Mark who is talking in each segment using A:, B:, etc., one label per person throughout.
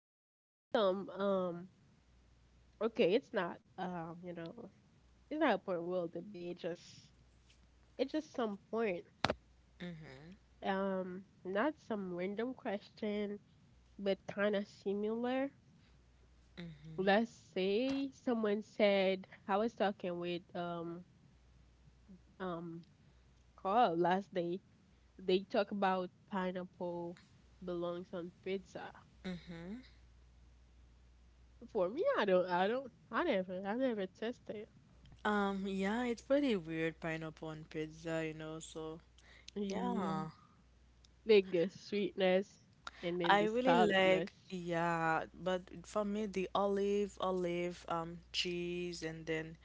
A: think I have some okay, it's not it's not a point we'll debate, just it's just some point.
B: Mm-hmm.
A: Not some random question, but kinda similar. Let's say someone said I was talking with um Carl last day, they talk about pineapple belongs on pizza. For me, I never tested.
B: Yeah, it's pretty weird pineapple on pizza, you know, so
A: Yeah,
B: yeah.
A: like the sweetness and then
B: I
A: the
B: really like,
A: saltiness.
B: yeah, but for me the olive, cheese and then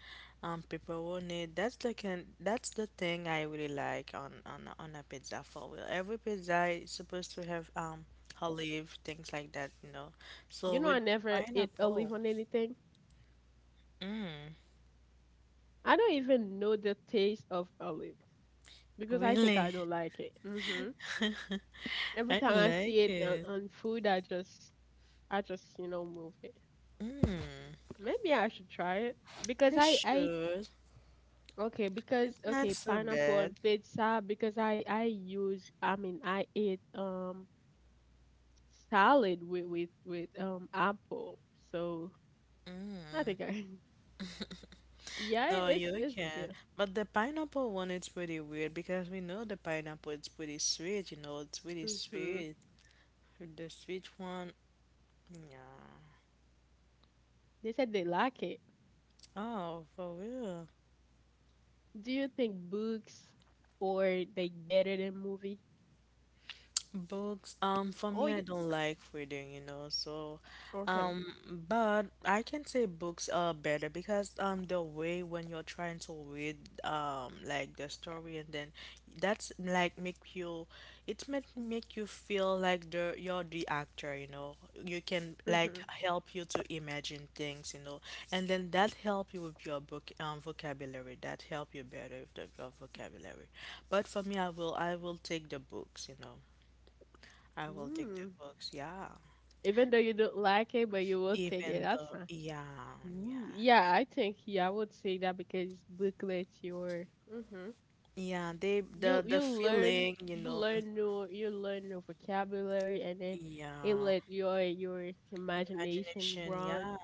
B: pepperoni, that's the can that's the thing I really like on on a pizza for real. Every pizza is supposed to have olive, things like that, you know.
A: You
B: So
A: know,
B: with
A: I never ate olive
B: pineapple,
A: on anything. I don't even know the taste of olive because I think
B: really.
A: I don't like it. Every
B: I
A: time I see
B: like
A: it on,
B: it.
A: on food, I just, you know, move it.
B: Mm,
A: Maybe I should try it because
B: you
A: I
B: should.
A: okay, because
B: It's not
A: okay,
B: so
A: pineapple on
B: bad.
A: pizza because I use I mean I eat salad with with apple. So I think I yeah
B: No,
A: it's
B: you
A: it's
B: can.
A: good.
B: But the pineapple one is pretty weird because we know the pineapple is pretty sweet, you know, it's really
A: Mhm.
B: sweet. The sweet one, yeah.
A: They said they like it.
B: Oh, for real.
A: Do you think books or they better than movie?
B: Books, for
A: Oh,
B: me, I
A: you,
B: don't like reading, you know, so,
A: okay.
B: um, but I can say books are better because, the way when you're trying to read, like the story and then that's like make you, it make you feel like the you're the actor, you know, you can like
A: Mhm.
B: help you to imagine things, you know, and then that help you with your book, vocabulary, that help you better with the, your vocabulary. But for me, I will take the books, you know. I will take the
A: Mm.
B: books. Yeah.
A: Even though you don't like it, but you will take it.
B: Even
A: That's
B: the,
A: fine.
B: yeah,
A: Ooh,
B: yeah.
A: yeah, I think yeah, I would say that because book lets your
B: Yeah, they
A: you
B: the feeling, you know.
A: you learn new vocabulary, and then it
B: Yeah.
A: let your imagination
B: Imagination,
A: run.
B: yeah.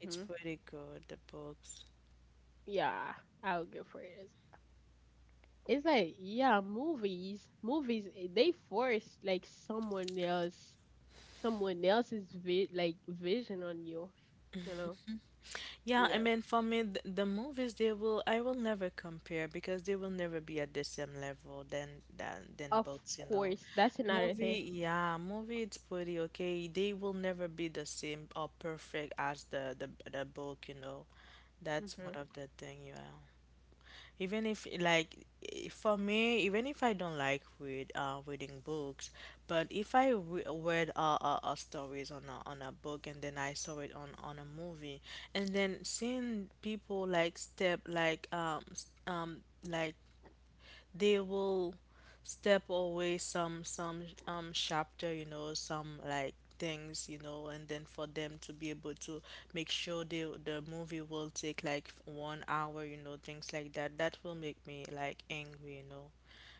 B: It's pretty good, the books.
A: Yeah, I'll go for it. It's like yeah, movies, movies they force like someone else, someone else's like vision on you. You know?
B: Yeah, I
A: Yeah.
B: mean for me the movies they will, I will never compare because they will never be at the same level than than
A: Of
B: books, you know.
A: course, that's another thing.
B: Movie, yeah, movie it's pretty okay. They will never be the same or perfect as the book, you know. That's
A: Mhm.
B: one of the thing, yeah. Even if like for me, even if I don't like reading books, but if I read stories on on a book and then I saw it on a movie and then seeing people like like they will step away some chapter, you know, some like things, you know, and then for them to be able to make sure they the movie will take like 1 hour, you know, things like that that will make me like angry, you know.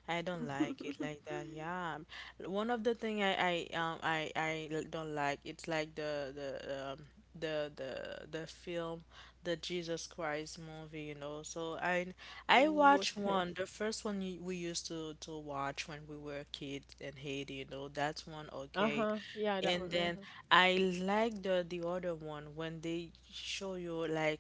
B: I don't like it like that. Yeah, one of the thing I don't like, it's like the film, the Jesus Christ movie, you know, so I
A: Ooh,
B: watched
A: okay.
B: one, the first one, we used to watch when we were kids in Haiti, you know, that's one,
A: Uh
B: okay.
A: huh. Yeah, that one.
B: And
A: Uh huh.
B: then I like the other one when they show you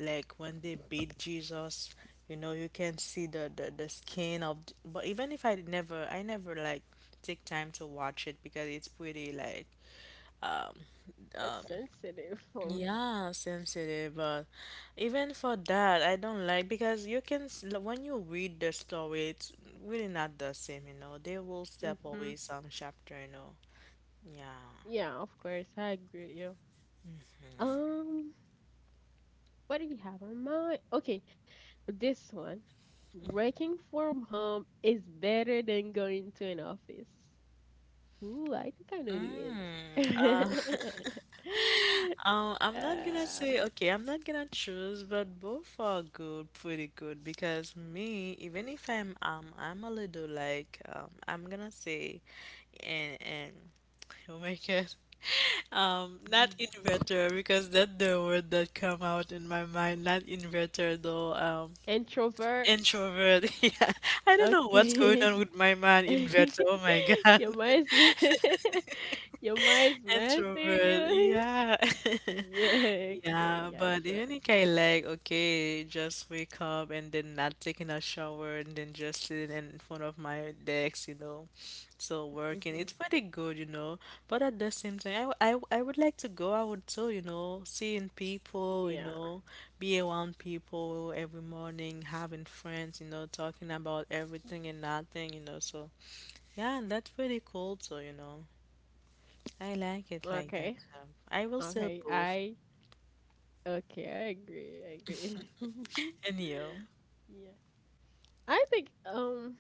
B: like when they beat Jesus, you know, you can see the skin of, but even if I never, I never like take time to watch it because it's pretty like um
A: It's
B: um,
A: sensitive for me.
B: yeah, sensitive, but even for that, I don't like because you can when you read the story, it's really not the same, you know. They will step
A: Mm-hmm.
B: away some chapter, you know. Yeah.
A: Yeah, of course. I agree with you. Um, what do you have in mind? Okay, this one. Working from home is better than going to an office. Ooh, I think I know the
B: Mm, uh,
A: answer.
B: I'm not gonna
A: uh,
B: say, okay, I'm not gonna choose, but both are good, pretty good, because me, even if I'm I'm a little like I'm gonna say, and oh my God. Not
A: mm,
B: inverter, because that's the word that come out in my mind. Not inverter, though.
A: introvert.
B: Introvert. Yeah, I don't know what's going
A: Okay.
B: on with my mind. Inverter. Oh my God,
A: Your mind's your mind's master
B: introvert.
A: you.
B: Yeah.
A: Yeah, okay,
B: Yeah, but
A: gotcha.
B: even if I like, okay, just wake up and then not taking a shower and then just sitting in front of my desk, you know, so working,
A: Mm-hmm.
B: it's pretty good, you know. But at the same time, I would like to go out too, you know, seeing people, you
A: Yeah.
B: know, be around people every morning, having friends, you know, talking about everything and nothing, you know. So, yeah, and that's pretty cool too, you know. I like it like that.
A: Okay.
B: I will sell
A: Okay,
B: both.
A: I okay, I agree. I agree.
B: And you?
A: Yeah. I think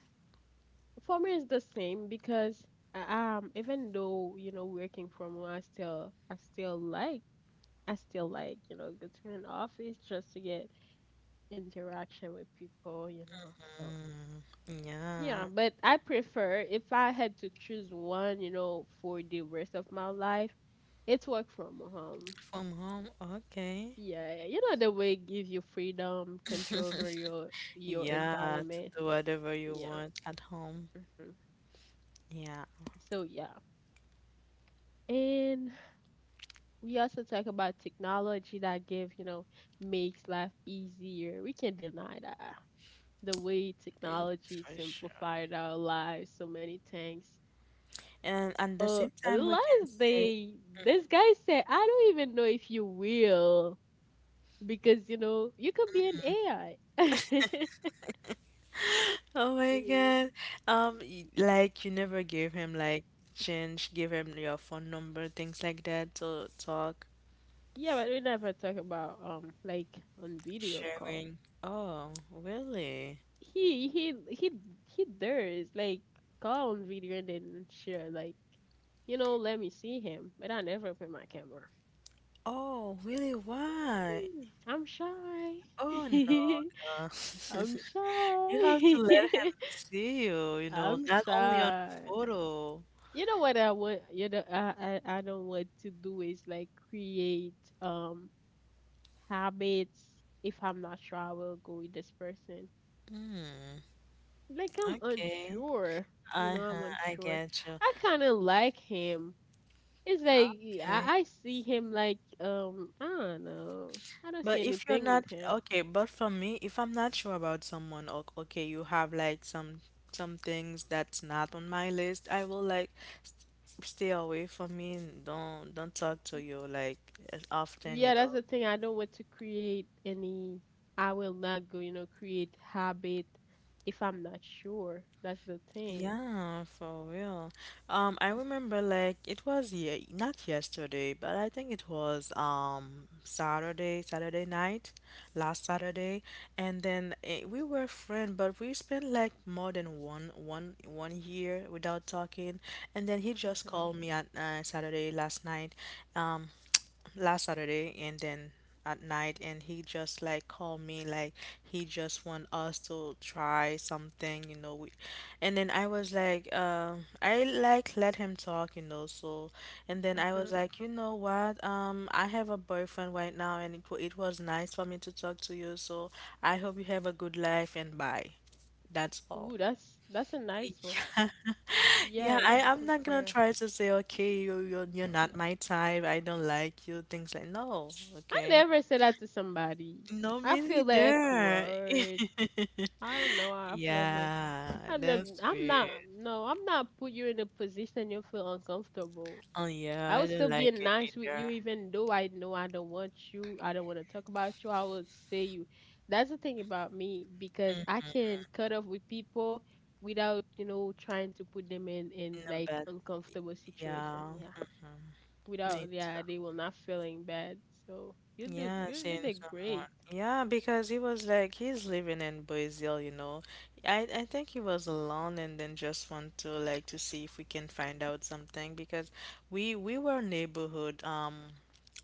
A: for me it's the same because even though, you know, working from home I still like you know, go to an office just to get interaction with people, you know. So
B: Mm, yeah,
A: yeah, but I prefer if I had to choose one, you know, for the rest of my life, it's work from home.
B: from home, okay.
A: Yeah, you know the way give you freedom, control over your
B: Yeah, to
A: environment.
B: do whatever you
A: Yeah.
B: want at home.
A: hmm
B: Yeah,
A: So yeah. And we also talk about technology that give, you know, makes life easier. We can't deny that. The way
B: mm,
A: technology
B: for sure.
A: simplified our lives, so many things.
B: And at the same
A: The
B: time, we can
A: last
B: say,
A: day, this guy said, I don't even know if you will, because you know, you could be an AI.
B: oh my God, like you never gave him like change, give him your phone number, things like that to talk,
A: Yeah, but we never talk about like on video call.
B: sharing. Oh, really?
A: He he he he does like call on video and then share like you know let me see him, but I never put my camera.
B: Oh, really? Why?
A: Hmm, I'm shy.
B: Oh no. Girl.
A: I'm
B: You have to let
A: shy.
B: him see you, you know,
A: I'm
B: not only on
A: shy.
B: photo.
A: You know what I want? You know I don't want to do is like create um habits. If I'm not sure, I will go with this person.
B: Hmm.
A: Like I'm
B: Okay.
A: unsure. You know, I'm
B: Uh-huh. I
A: unsure.
B: get you.
A: I kind of like him. It's like yeah,
B: Okay.
A: I see him like I don't know. I don't see
B: But if you're
A: anything
B: not
A: with him.
B: okay, but for me, if I'm not sure about someone, okay, you have like some things that's not on my list, I will like stay away from me and don't talk to you like as often, you
A: Yeah, that's
B: know.
A: the thing. I don't want to create any. I will not go. You know, create habit if I'm not sure. That's the thing.
B: Yeah, for real. I remember like it was ye not yesterday, but I think it was Saturday, Saturday night, last Saturday, and then we were friends, but we spent like more than one year without talking, and then he just
A: Mhm.
B: called me at Saturday last night. Um, last Saturday and then at night, and he just like called me like he just want us to try something, you know, we, and then I was like I like let him talk, you know, so, and then I was
A: Mhm.
B: like, you know what, I have a boyfriend right now and it, it was nice for me to talk to you, so I hope you have a good life and bye, that's all.
A: Ooh, that's a nice one. Yeah,
B: Yeah,
A: it's
B: I'm
A: a
B: not gonna
A: prayer.
B: try to say, okay, you're not my type, I don't like you, things like, no,
A: I
B: okay.
A: never say that to somebody.
B: No,
A: I
B: me
A: feel like
B: neither.
A: awkward. I don't know.
B: Yeah,
A: I've never,
B: that's
A: I'm not,
B: weird.
A: no, I'm not put you in a position you feel uncomfortable.
B: Oh yeah,
A: I
B: I
A: would
B: don't
A: still be
B: like it
A: nice with you,
B: either.
A: even though I know I don't want you. I don't want to talk about you. I will say you. That's the thing about me because I can cut off with people without, you know, trying to put them in
B: No,
A: like
B: but
A: uncomfortable situation.
B: yeah,
A: Yeah,
B: me
A: without,
B: too.
A: yeah, they will not feeling bad. So you do,
B: Yeah,
A: you
B: seeing
A: did
B: someone.
A: great.
B: Yeah, because he was like he's living in Brazil, you know. I think he was alone and then just want to like to see if we can find out something, because we were neighborhood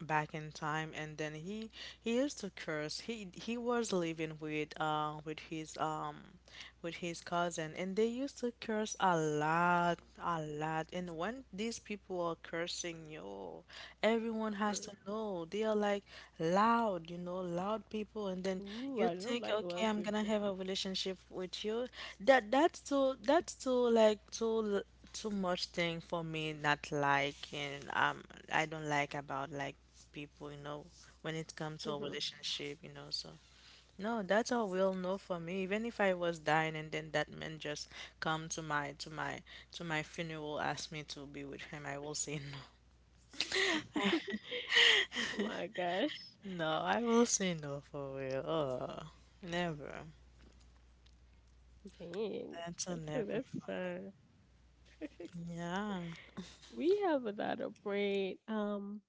B: back in time, and then he used to curse. He was living with his cousin, and they used to curse a lot, a lot. And when these people are cursing you, everyone has to know. They are like loud, you know, loud people, and then
A: Ooh,
B: you
A: I don't
B: think,
A: like well
B: okay, I'm gonna
A: people.
B: have a relationship with you. That's too like too much thing for me, not like, and I don't like about like people, you know, when it comes to a relationship, you know, so no, that's a will no for me. Even if I was dying and then that man just come to my to my funeral, ask me to be with him, I will say no.
A: Oh my gosh.
B: No, I will say no, for real. Oh, never.
A: Dang.
B: That's a never for
A: That's
B: me. Yeah.
A: we have a lot of brain.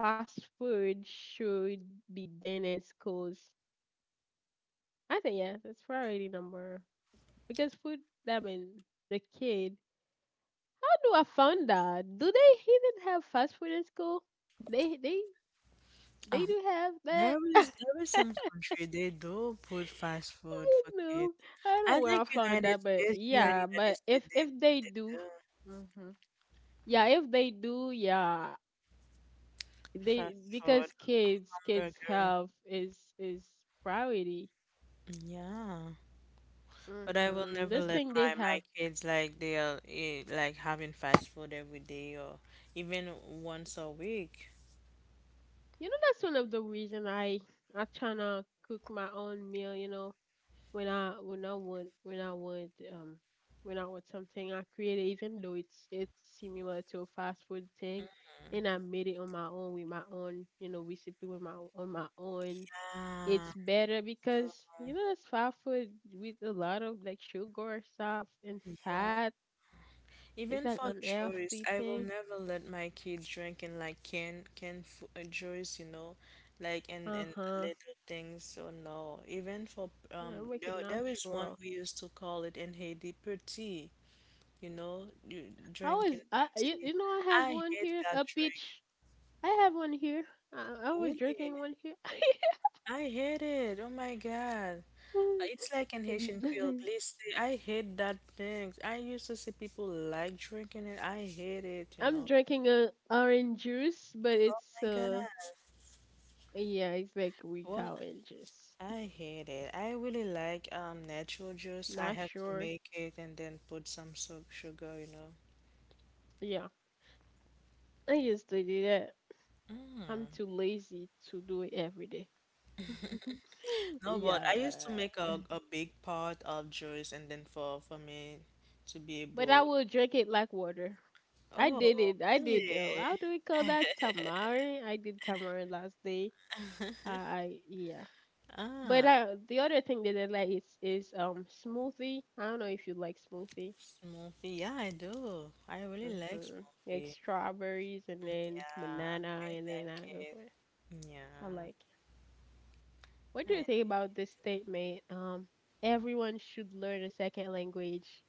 A: Fast food should be banned in schools. I think yeah, that's priority number because food I mean the kid. How do I find that? Do they even have fast food in school? They they they
B: Um,
A: do have that?
B: there is
A: I
B: some country they do put fast food for
A: don't know.
B: kids.
A: I don't know
B: I
A: where I
B: think
A: found
B: United
A: that, but
B: States, here in
A: yeah,
B: United
A: but if
B: States,
A: if they
B: they
A: do,
B: do
A: mhm. Yeah, if they do, yeah,
B: fast
A: they
B: food
A: because kids
B: burger.
A: health is priority.
B: Yeah. But I will never
A: This
B: let
A: thing they
B: my my
A: have,
B: kids like they'll eat like having fast food every day or even once a week.
A: you know, that's one of the reason I tryna cook my own meal. You know, when I want when I want when I want something, I create it, even though it's similar to a fast food thing, and I made it on my own with my own you know recipe with my own,
B: Yeah.
A: it's better because you know that's fast food with a lot of like sugar stuff and
B: Yeah.
A: fat. It's
B: Even
A: like
B: for juice,
A: unhealthy
B: I will
A: thing.
B: never let my kid drinking like can juice, you know, like
A: Uh
B: and
A: huh.
B: little things. So no, even for
A: Yeah, make it
B: there is one
A: natural.
B: we used to call it in Haiti, petit, you know, you
A: I
B: drinking
A: was I you,
B: petit.
A: you know I have
B: I
A: one
B: hate
A: here
B: that
A: a
B: drink.
A: peach. I have one here. I was
B: Really,
A: drinking one here.
B: I hate it. Oh my God. It's like an
A: And
B: Haitian Creole glisse. I hate that thing. I used to see people like drinking it. I hate it, you
A: I'm
B: know.
A: drinking a orange juice, but
B: Oh
A: it's
B: my God.
A: yeah, it's like weak
B: One
A: orange juice.
B: I hate it. I really like natural juice. I
A: Not
B: have to
A: sure.
B: make it and then put some su sugar, you know.
A: Yeah, I used to do that. I'm too lazy to do it every day.
B: No, but
A: Yeah.
B: I used to make a big pot of juice and then for me to be
A: But I
B: able.
A: will drink it like water. I did
B: Oh,
A: it. I did.
B: really?
A: How do we call that? Tamari. I did tamari last day. I yeah. But
B: Ah,
A: the other thing that I like is smoothie. I don't know if you like smoothie.
B: smoothie. Yeah, I do. I really like
A: Mm-hmm. Like
B: smoothie.
A: strawberries and
B: Mm,
A: then
B: yeah,
A: banana
B: I
A: and then I
B: like
A: go
B: it.
A: for it. I like. What do
B: Yeah.
A: you think about this statement? Everyone should learn a second language.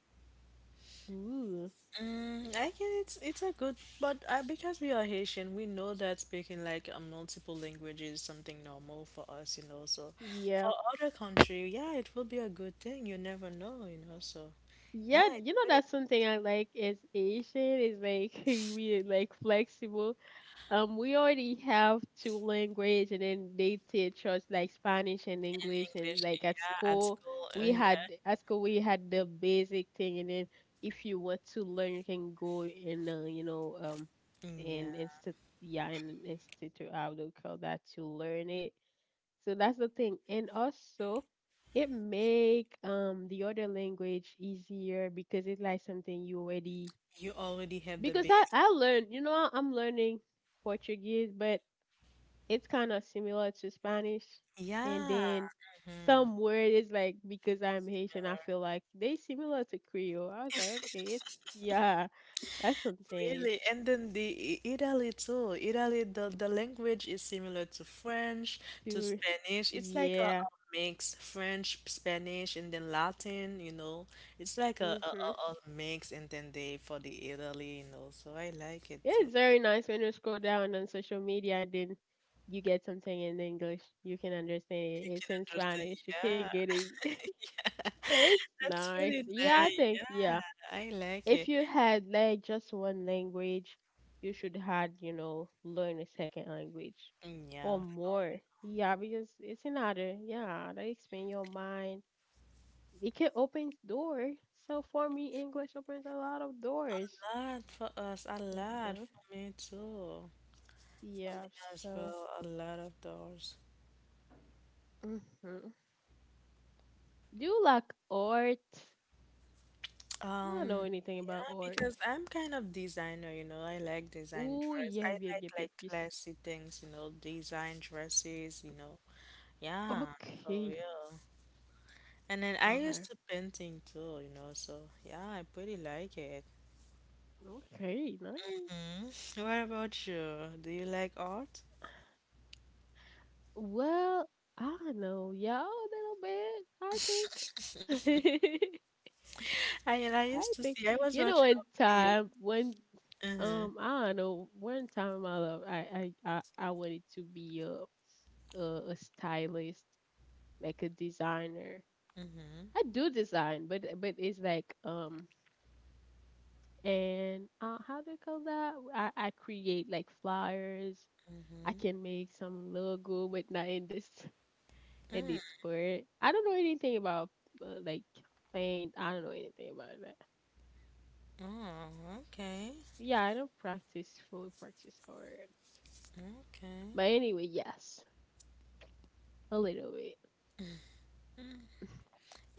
A: Ooh.
B: Mm, I can. It's a good, but because we are Haitian, we know that speaking like multiple languages is something normal for us, you know. So, for
A: Yeah,
B: other country, yeah, it will be a good thing. You never know, you know. So, yeah,
A: yeah,
B: it's
A: you know
B: pretty
A: that's
B: good.
A: something I like as Asian is like we like flexible. We already have two language, and then they teach us like Spanish and
B: In
A: English, and
B: English,
A: like at
B: yeah, at
A: school
B: school, yeah,
A: we had the basic thing, and then if you want to learn, you can go in you know
B: yeah,
A: and instead yeah and institute I would call that to learn it. So that's the thing. And also it make the other language easier because it's like something you already
B: you already have the
A: because I
B: base.
A: I learned, you know, I'm learning Portuguese, but it's kind of similar to Spanish. And
B: Yeah.
A: then
B: Mhm.
A: some word is like because I'm Haitian, I feel like they similar to Creole. I was like, okay, it's yeah, that's something.
B: Really,
A: It's
B: and then the Italy too. Italy, the language is similar to French, to
A: too
B: Spanish. It's like
A: yeah.
B: a mix, French, Spanish, and then Latin, you know. It's like
A: hmm
B: a mix, and then they for the Italy, you know. So I like it
A: Yeah,
B: too.
A: it's very nice when you scroll down on social media and then you get something in English. You can understand it.
B: You can
A: It's in
B: understand,
A: Spanish. You can not
B: yeah.
A: get it. It's
B: That's
A: nice.
B: pretty
A: Yeah, I
B: nice,
A: think,
B: yeah.
A: yeah.
B: I like
A: If
B: it.
A: you had like just one language, you should had, you know, learn a second language or
B: Yeah, for
A: more. Yeah, because it's another, yeah, that expand your mind. It can open door. So for me, English opens a lot of
B: a
A: doors.
B: lot for us, a lot
A: hmm
B: for me too. For me
A: Yeah,
B: as
A: so.
B: well, a lot of doors.
A: Mhm. Do you like art? I don't know
B: Um,
A: anything about
B: yeah,
A: art.
B: because I'm kind of designer, you know. I like design
A: Oh,
B: dress.
A: yeah,
B: I
A: yeah,
B: like
A: yeah, yeah. Yes.
B: classy things, you know, design dresses, you know. Yeah, for
A: Okay.
B: real. And then I used
A: Okay.
B: to painting too, you know, so yeah, I pretty like it.
A: Okay. Nice.
B: Mm. What about you? Do you like art?
A: Well, I don't know, y'all a little bit. I think.
B: I used
A: I
B: to
A: think
B: see I was
A: you know.
B: watching
A: In
B: a video.
A: time, when
B: Mm-hmm.
A: I don't know. One time in my life, I wanted to be a, a stylist, like a designer.
B: Mm-hmm.
A: I do design, but it's like and how do you call that? I create like flyers. I
B: Mm-hmm.
A: can make some logo, but not in this in
B: Mm.
A: this part. I don't know anything about like paint. I don't know anything about that.
B: Oh, okay.
A: Yeah, I don't practice fully practice art.
B: Okay.
A: But anyway, yes, a little bit.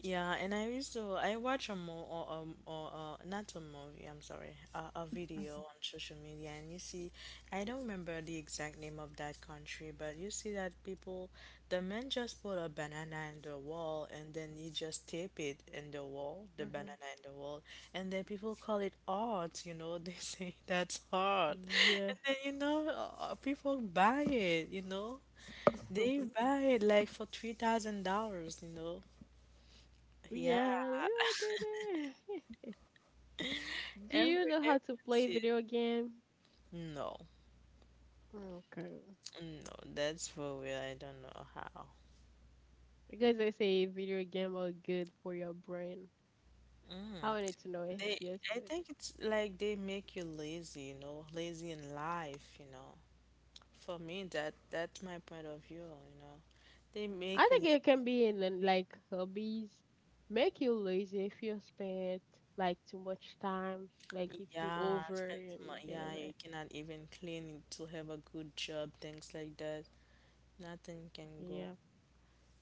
B: Yeah, and I used to I watch a mo or not a movie, I'm sorry, a video
A: Mhm.
B: on social media, and you see, I don't remember the exact name of that country, but you see that people, the man just put a banana in the wall, and then he just tape it in the wall, the banana in the wall, and then people call it art. You know, they say that's art,
A: Yeah.
B: and then you know, people buy it. You know, they buy it like for $3,000. You know. Yeah.
A: yeah, you all do Do you
B: Every
A: know how to
B: everyone
A: play
B: says
A: video game?
B: no,
A: Okay.
B: no. That's for real. I don't know how.
A: Because they say video game are good for your brain. I
B: Mm.
A: wanted to know if
B: They,
A: yes,
B: I
A: but
B: think it's like they make you lazy. You know, lazy in life. You know, for me, that's my point of view. You know, they
A: I
B: make
A: think
B: you.
A: it can be in like hobbies make you lazy if you spend like too much time, like if you
B: Yeah,
A: over
B: spend too much.
A: and get
B: Yeah,
A: over.
B: you cannot even clean to have a good job. Things like that. Nothing can go
A: Yeah,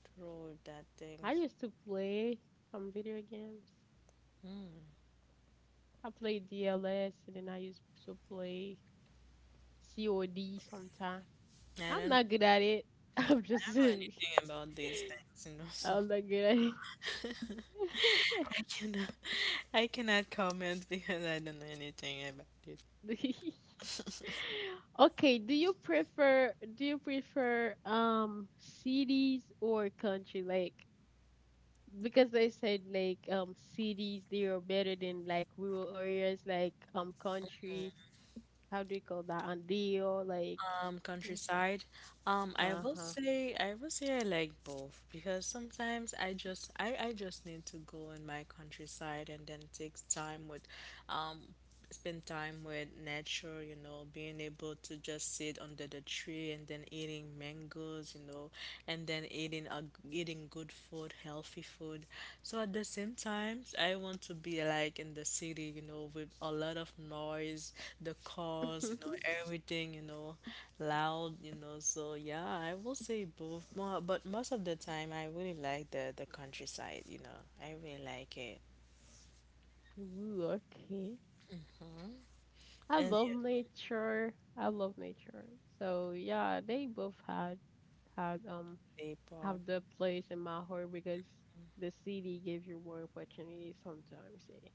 B: through that
A: I
B: things.
A: used to play some video games. I played DLS and then I used to play COD sometime.
B: I
A: I'm
B: don't.
A: not good at it. I'm
B: I
A: just
B: don't know anything about these things. You know, so.
A: I'm not good at it.
B: I cannot, I cannot comment because I don't know anything about it.
A: Okay, do you prefer cities or country? Like because they said like cities they are better than like rural areas like country. How do you call that? Andio like
B: Countryside. I will
A: uh-huh.
B: say, I will say I like both because sometimes I just need to go in my countryside and then take time with, um, spend time with nature, you know, being able to just sit under the tree and then eating mangoes, you know, and then eating good food, healthy food. So at the same time, I want to be like in the city, you know, with a lot of noise, the cars, you know, everything, you know, loud, you know. So yeah, I will say both. But most of the time, I really like the countryside, you know. I really like it.
A: Ooh, okay. I
B: And
A: love
B: yeah,
A: nature. I love nature. So yeah, they both had
B: Nepal.
A: have the place in my heart because the city gives you more opportunities sometimes. Yeah.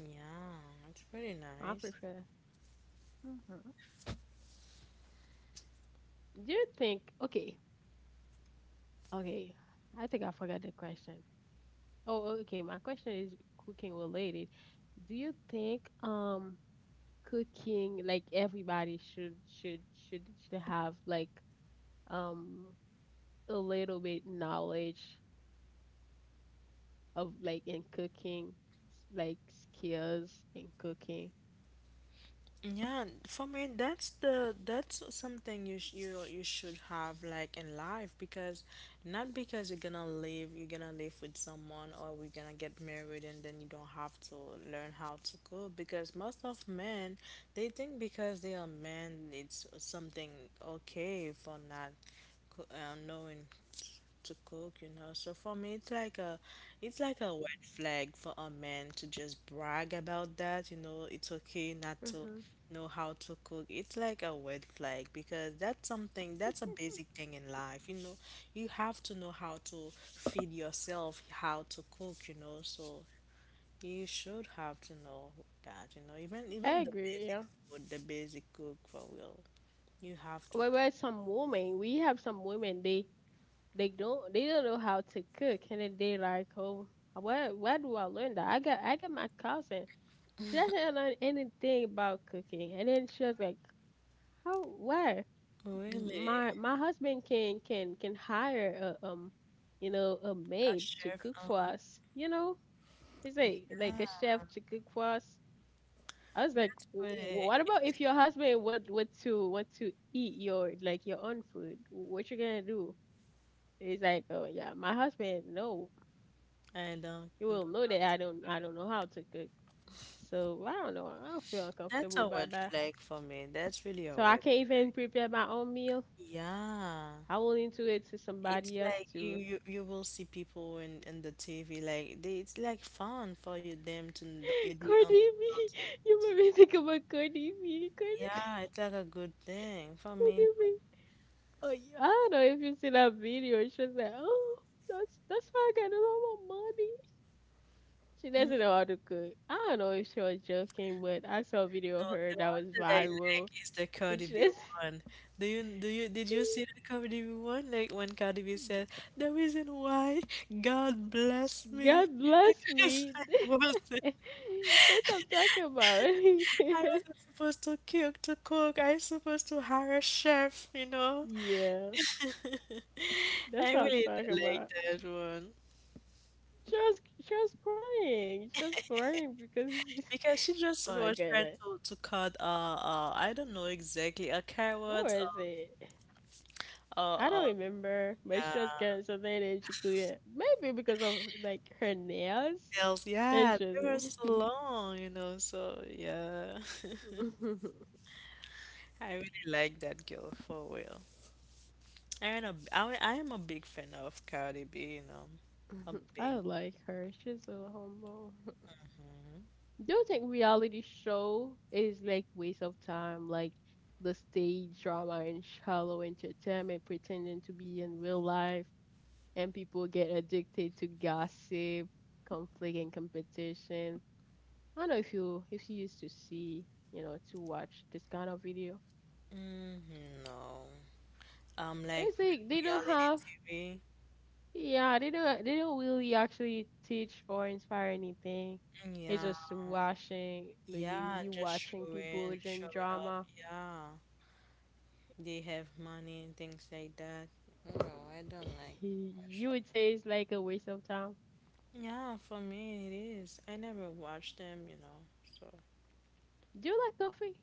B: Yeah, it's pretty
A: I
B: nice.
A: prefer. hmm Do you think? Okay, okay. I think I forgot the question. Oh, okay. My question is cooking related. Do you think cooking like everybody should have like um a little bit knowledge of like in cooking like skills in cooking?
B: Yeah, for me, that's something you you should have like in life because not because you're gonna live with someone or we're gonna get married and then you don't have to learn how to cook because most of men they think because they are men it's something okay for not knowing to cook, you know. So for me, it's like a red flag for a man to just brag about that, you know. It's okay not to
A: Mm-hmm.
B: know how to cook. It's like a red flag because that's a basic thing in life, you know. You have to know how to feed yourself, how to cook, you know. So you should have to know that, you know. Even
A: I
B: even the
A: agree.
B: basic
A: Yeah.
B: food, the basic cook for real, you have to do.
A: Where some women, we have some women they don't know how to cook, and then they like, oh, where do I learn that? I got my cousin. She doesn't learn anything about cooking, and then she was like, how where?
B: Really?
A: My husband can hire a you know, a
B: A
A: maid to
B: chef?
A: cook for
B: Uh-huh.
A: us. You know, he's like a chef to cook for us. I was like,
B: That's
A: "Wh-
B: pretty.
A: what about if your husband want to eat your like your own food? What you gonna do? It's like, oh yeah, my husband know
B: I don't
A: he
B: know.
A: will know that I don't know how to cook. So I don't know. I don't feel
B: That's
A: uncomfortable
B: a
A: about
B: red
A: that.
B: flag for me. That's really a
A: So I
B: red.
A: can't even prepare my own meal.
B: Yeah.
A: I will into it to
B: It's
A: somebody else
B: like
A: to
B: you will see people in the TV like they it's like fun for you them to n- you they
A: Cardi
B: don't.
A: B. You made me think about Cardi B. Cardi
B: Yeah,
A: B.
B: it's like a good thing for me. No,
A: Cardi B. Oh, yeah, I don't know if you see that video. She was like, oh, that's why I got all my money. She doesn't know how to cook. I don't know if she was joking, but I saw a video
B: no,
A: of her
B: the
A: that
B: one
A: was
B: that I like
A: viral.
B: is the Cardi
A: It's
B: B
A: just
B: one. Do you did you see the Cardi B one like when Cardi B said the reason why God bless me,
A: God bless
B: because
A: me. That's what I'm talking about.
B: I wasn't supposed to cook. I was supposed to hire a chef, you know.
A: Yeah,
B: I
A: that's what I'm
B: really d-
A: talking
B: like
A: about.
B: that one
A: She was crying. She was crying because
B: because she
A: oh
B: just
A: my
B: was trying
A: goodness,
B: to cut I don't know exactly a
A: what
B: carrot.
A: was it?
B: uh
A: I
B: uh, uh
A: don't remember, but
B: yeah,
A: she was carrying something and she couldn't. Maybe because of like her nails.
B: nails,
A: And
B: yeah,
A: she
B: they were so
A: was.
B: long, you know, so yeah. I really like that girl for real. I am a big fan of Cardi B, you know, a
A: I
B: big.
A: like her. She's so humble. Do you think reality show is like waste of time, like the stage drama and shallow entertainment pretending to be in real life, and people get addicted to gossip, conflict, and competition? I don't know if you used to see, you know, to watch this kind of video.
B: Mm, no. Um, like
A: It's like
B: with
A: they don't
B: reality
A: have,
B: TV.
A: yeah, they don't really actually teach or inspire anything. It's
B: Yeah.
A: just watching, like you
B: Yeah,
A: you
B: just
A: watching people doing
B: showing off.
A: drama.
B: Yeah. They have money and things like that. No, I don't like watching.
A: You would say it's like a waste of time.
B: Yeah, for me it is. I never watch them, you know. So
A: Do you like coffee?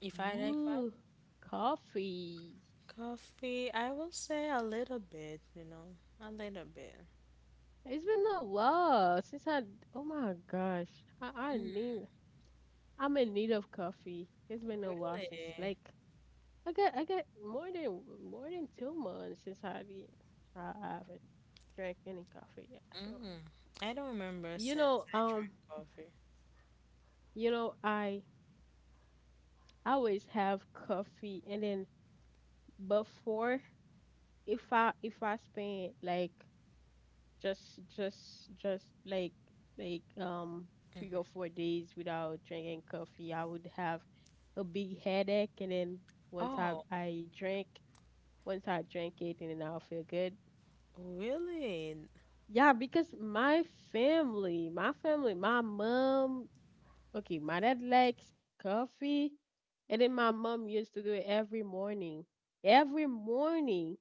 B: if I like what?
A: Ooh, coffee.
B: Coffee, I will say a little bit, you know. A little bit.
A: It's been a while since I. Oh my gosh, I need. I'm in need of coffee. It's been a while
B: Really?
A: since like I got more than 2 months since I did. I haven't drank any coffee yet. So
B: Mm. I don't remember
A: you know,
B: since I
A: um,
B: drank coffee.
A: you know, I always have coffee, and then before if I spend like just like 3 or 4 days without drinking coffee, I would have a big headache, and then once i
B: Oh,
A: i drink, once I drink it, and then I'll feel good.
B: really?
A: Yeah, because my family, my family, my mom, okay, my dad likes coffee, and then my mom used to do it every morning, every morning.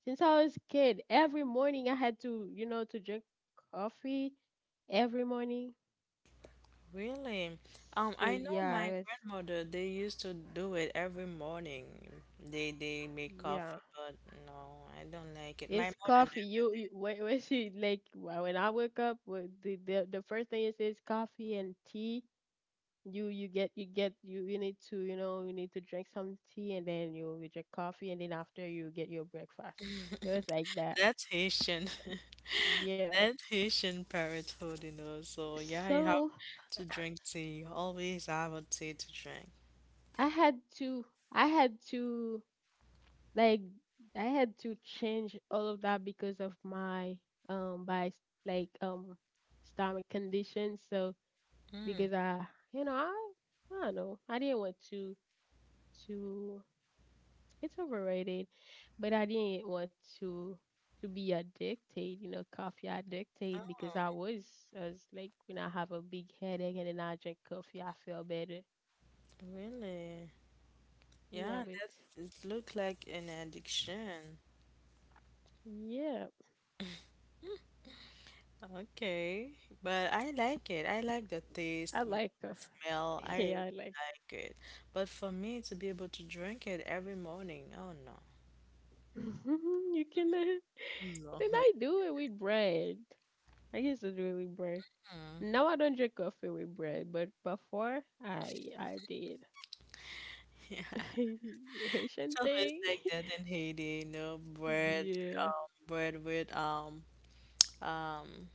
A: Since I was a kid, every morning I had to, you know, to drink coffee every morning.
B: Really?
A: So
B: I know
A: yeah, it
B: my
A: was
B: grandmother, they used to do it every morning. They make
A: yeah.
B: coffee, but no, I don't like it. My
A: It's
B: mother
A: coffee. When she like when I wake up, the first thing is coffee and tea. You need to, you know, you need to drink some tea, and then you drink coffee, and then after you get your breakfast.
B: never.
A: It was like that.
B: That's Haitian.
A: Yeah.
B: That's Haitian parenthood, you know. So yeah, you have
A: So
B: to drink tea. Always have a tea to drink.
A: I had to I had to like I had to change all of that because of my by s- like stomach condition. So
B: Mm.
A: because you know I I don't know, I didn't want to it's overrated, but I didn't want to to be addicted, you know, coffee
B: Oh,
A: addicted, because I was like when I have a big headache and then I drink coffee I feel better.
B: really? Yeah,
A: Yeah, but
B: that it look like an addiction.
A: yeah,
B: Okay, but I like it. I like the
A: I
B: taste, you know,
A: like
B: the
A: coffee.
B: smell. I really
A: Yeah I like.
B: like it. But for me to be able to drink it every morning, oh no,
A: you cannot.
B: no.
A: Then
B: Like,
A: I do it with bread. I used to do it with bread. Now I don't drink coffee with bread, but before I did. Haitian
B: it's always
A: thing.
B: like that in Haiti, you know, bread,
A: Yeah.
B: bread with um,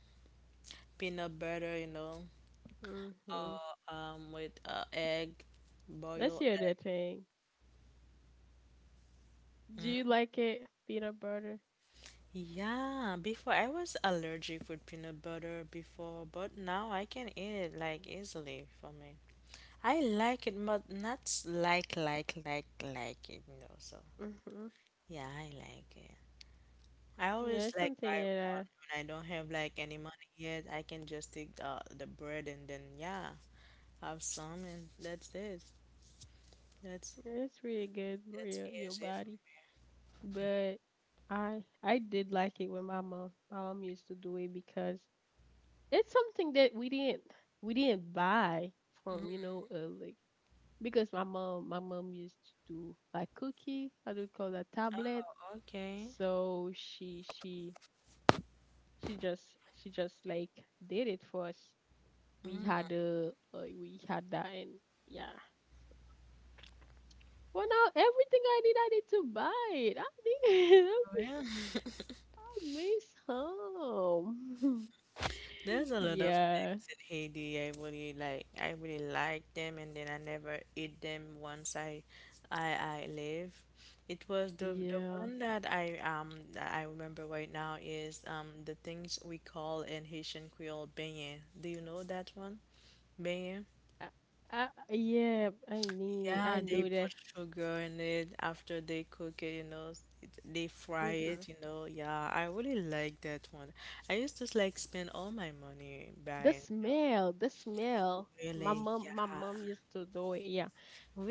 B: peanut butter, you know,
A: Mhm.
B: or with egg,
A: That's
B: boiled
A: the other thing.
B: egg.
A: Do
B: Mm?
A: you like it? Peanut butter.
B: Yeah, before I was allergic with peanut butter before, but now I can eat it like easily for me. I like it, but not like it, you know. So,
A: Mhm.
B: yeah, I like it. I
A: Yeah,
B: always
A: it's
B: like
A: something
B: buy one
A: that
B: when I don't have like any money yet. I can just take the bread and then, yeah, have some, and that's it. That's
A: it's really good for
B: that's
A: your
B: easy for
A: body. But I did like it when my mom used to do it because it's something that we didn't buy from, you know, like because my mom used to do like cookie, how do you call that
B: me.
A: tablet?
B: Oh, okay.
A: So she just she just did it for us. We had a we had that, and yeah. For now, everything I need to buy it. I need I miss
B: Really?
A: I miss home.
B: There's a lot of
A: Yeah,
B: things in Haiti I really like. I really like them, and then I never eat them once I live. It was the
A: yeah.
B: one that I remember right now is the things we call in Haitian Creole beignet. Do you know that one? Beignet.
A: I, yeah, I need. I
B: Yeah, they
A: know that.
B: put sugar in it after they cook it, you know, they fry
A: hmm
B: it, you know. Yeah, I really like that one. I used to like spend all my money
A: The
B: buying.
A: smell, the smell. My
B: Really?
A: mom,
B: Yeah.
A: my mom used to do it. Yeah,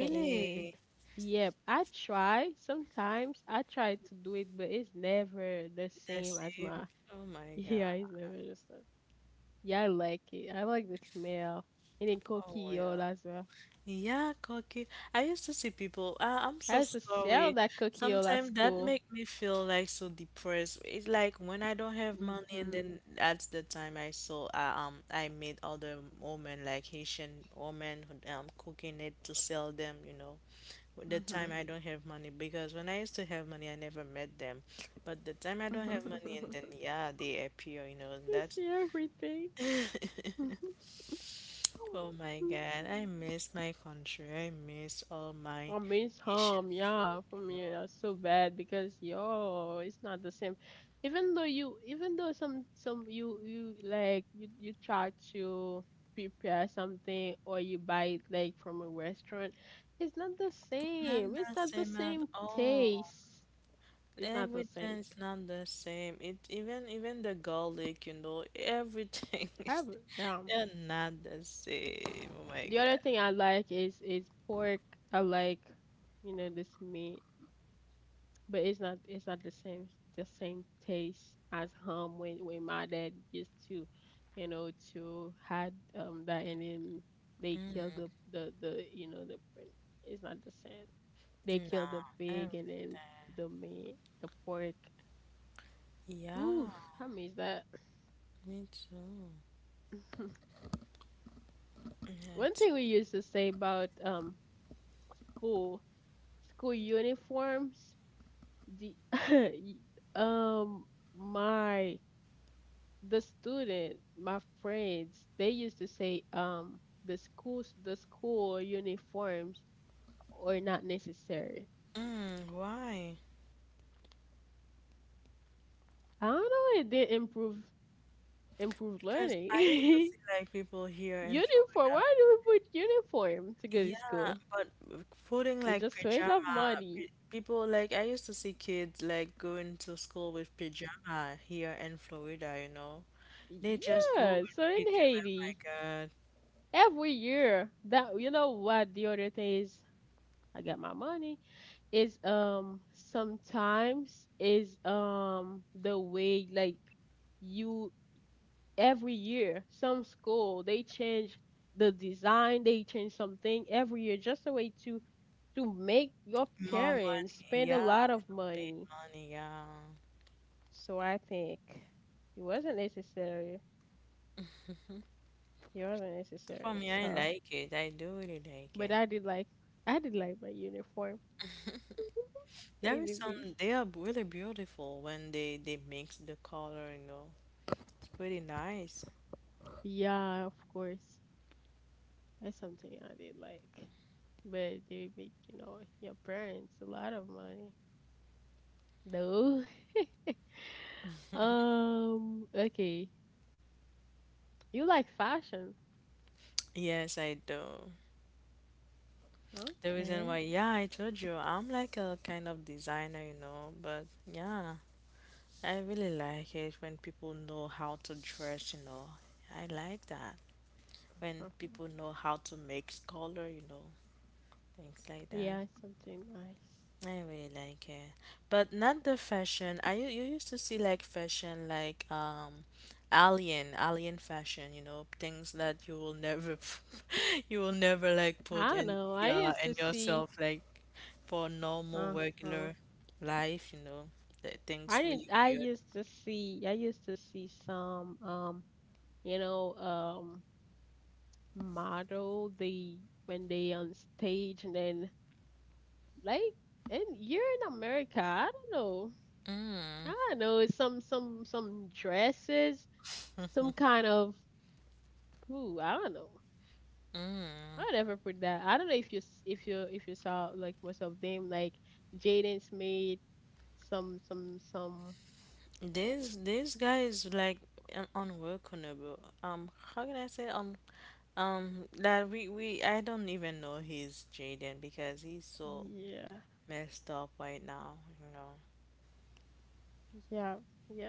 A: and yeah, I try sometimes. I try to do it, but it's never the
B: The
A: same as
B: same.
A: my.
B: Oh my
A: Yeah, it's
B: God.
A: never the same. Yeah, I like it. I like the smell, and then
B: Oh
A: cookie oil
B: well.
A: as well.
B: Yeah, cocky. I used to see people. Ah, I'm
A: I
B: so
A: used to sell
B: sorry.
A: that cookie oil at
B: Sometimes that
A: school.
B: make me feel like so depressed. It's like when I don't have money, and
A: Mhm,
B: then that's the time I saw. I met other women like Haitian women who cooking it to sell them. You know, the time
A: mhm,
B: I don't have money, because when I used to have money, I never met them. But the time I don't have money, and
A: mhm.
B: then yeah, they appear, you know, and
A: You
B: that's
A: see everything.
B: oh my God, I miss my country. I miss all my
A: I miss
B: Asian
A: home,
B: food,
A: yeah, for
B: you
A: me
B: know.
A: that's so bad because yo, it's not the same. Even though you, even though some you like you try to prepare something or you buy it like from a restaurant, it's not the
B: Not
A: same. It's
B: the
A: not the
B: same at
A: same
B: all.
A: taste. It's not the same.
B: Everything is
A: T-
B: not the same. It even the garlic, you know, everything is
A: However, yeah.
B: they're not the same. Oh my
A: The other
B: God.
A: thing I like is pork. I like, you know, this meat. But it's not the same, the same taste as home when my dad used to, you know, to had that, and then they
B: Mm,
A: kill the, you know, the pr- it's not the same. They kill the
B: no,
A: pig, and then
B: everything.
A: the meat, the pork.
B: Yeah,
A: Oof, I miss that.
B: me too.
A: One
B: It's,
A: thing we used to say about school, school uniforms, the y- um my, the student, my friends, they used to say, the schools, the school uniforms are not necessary.
B: mm, why?
A: I don't know. It did improve
B: Because I used to
A: learning.
B: see like people here in
A: uniform.
B: Florida.
A: Why do we put uniform to go to
B: Yeah,
A: school?
B: but putting
A: It
B: like
A: just waste of
B: pajama,
A: money.
B: people like I used to see kids like going to school with pajama here in Florida, you know. They just go
A: Yeah.
B: with
A: So in
B: pajama. My
A: Haiti,
B: God,
A: every year that you know what the other thing is, I got my money. Is sometimes is the way like you every year some school they change the design, they change something every year just a way to make your
B: more
A: parents
B: money.
A: spend a
B: Yeah,
A: lot of
B: paid
A: money,
B: money. Yeah.
A: so I think it wasn't necessary, it wasn't
B: For
A: necessary
B: me, I
A: So
B: like it. I do really like
A: but
B: it.
A: I did like my uniform.
B: There is some,
A: Technically
B: they are really beautiful when they mix the color, you know. It's pretty nice.
A: yeah, of course. That's something I did like. But they make, you know, your parents a lot of money. No. Okay. You like fashion.
B: Yes, I do. The reason
A: Okay.
B: why, yeah, I told you, I'm like a kind of designer, you know, but yeah, I really like it when people know how to dress, you know. I like that. When people know how to mix color, you know, things like that.
A: Yeah, it's something nice.
B: I really like it, but not the fashion. You used to see like fashion like alien fashion, you know, things that you will never you will never like put
A: I don't
B: in
A: know. I
B: yeah
A: used
B: in
A: to see
B: yourself like for normal
A: uh-huh.
B: regular life, you know, the things
A: I
B: really
A: didn't I
B: weird.
A: used to see I used to see some you know, model they when they on stage and then like and you're in America. I don't know. I don't know. It's some some dresses, some kind of. Ooh, I don't know. I never put that. I don't know if you s- if you saw like most of them like Jaden's made some.
B: This guy is like unworkable. How can I say that we I don't even know he's Jaden because he's so
A: Yeah,
B: messed up right now, you know.
A: yeah, yeah.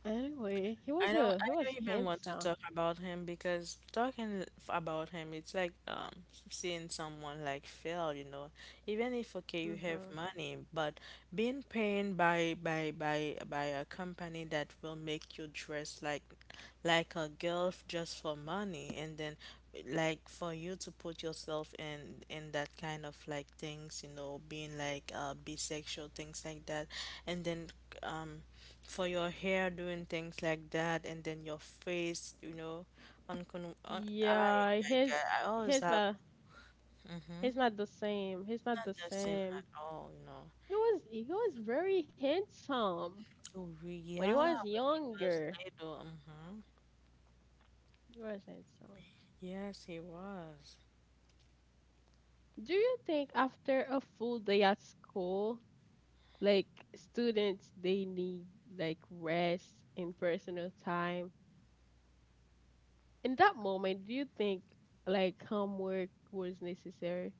A: Anyway, he was a he
B: I
A: was
B: don't even want to
A: handsome.
B: talk about him because about him it's like seeing someone like fail, you know. Even if okay you have
A: Mm-hmm.
B: money, but being paid by a company that will make you dress like a girl just for money and then like for you to put yourself in that kind of like things, you know, being like bisexual things like that and then um for your hair doing things like that and then your face, you know, I, oh
A: Yeah,
B: my God, I always
A: his
B: have.
A: not
B: Hmm?
A: he's not the same. He's not
B: Not
A: the
B: the same
A: same.
B: at all, you know.
A: He was very handsome
B: Oh,
A: when he
B: yeah,
A: was
B: when he was
A: younger.
B: little. Hmm.
A: He was handsome.
B: Yes, he was.
A: Do you think after a full day at school, like students, they need like rest and personal time? In that moment, do you think like homework was necessary?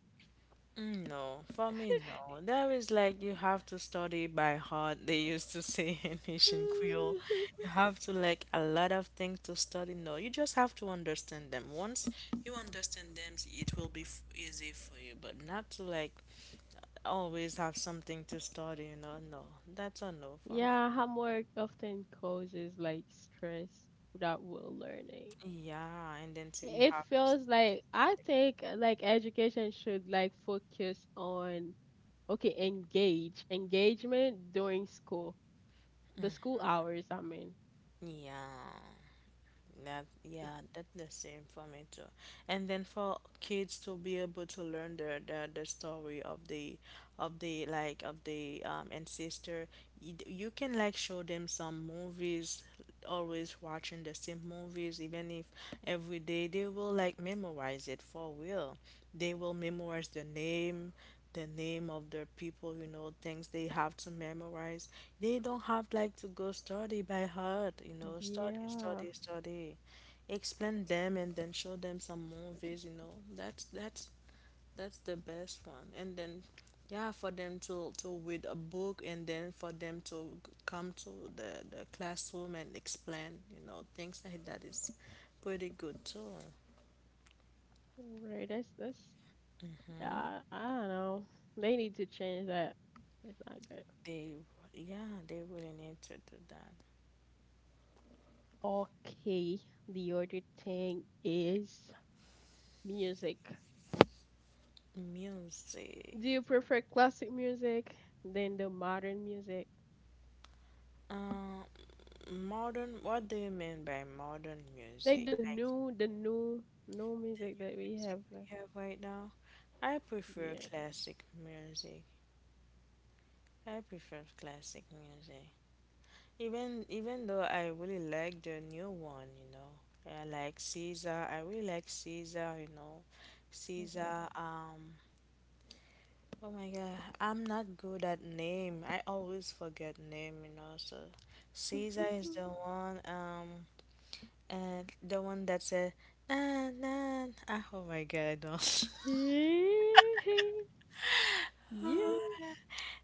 B: Mm, no, for me, no. There is like you have to study by heart, they used to say in Haitian Creole. You have to like a lot of things to study. No, you just have to understand them. Once you understand them, it will be f easy for you, but not to like always have something to study. No, that's a no for me.
A: Yeah, homework often causes like stress without well learning.
B: Yeah, and then you
A: It
B: have to
A: feels
B: study,
A: like I
B: study.
A: think like education should like focus on okay, engage, engagement during school, the school hours, I mean.
B: Yeah. That yeah, that's the same for me too. And then for kids to be able to learn the story of the of the ancestor. You can like show them some movies, always watching the same movies, even if every day they will like memorize it for real. They will memorize the name of their people, things they have to memorize. They don't have like to go study by heart, study,
A: Yeah,
B: study, study. Explain them and then show them some movies. That's the best one. And then yeah, for them to read a book and then for them to come to the classroom and explain things like that is pretty good too.
A: right. That's that's. I don't know. They need to change that. It's not good.
B: They yeah, they really need to do that.
A: Okay, the other thing is music.
B: Music.
A: Do you prefer classic music than the modern music?
B: Uh, modern, what do you mean by modern
A: Like
B: music? Like
A: the new, new
B: the
A: music
B: new
A: that we
B: music
A: have
B: we
A: now.
B: have right now? I prefer
A: Yeah.
B: classic music. I prefer classic music. Even though I really like the new one. I like Caesar. I really like Caesar.
A: Uh-huh.
B: Caesar. Oh my god, I'm not good at name. I always forget name, so Caesar is the one, um And the one that said, na na, ah, oh my God, no.
A: Yeah.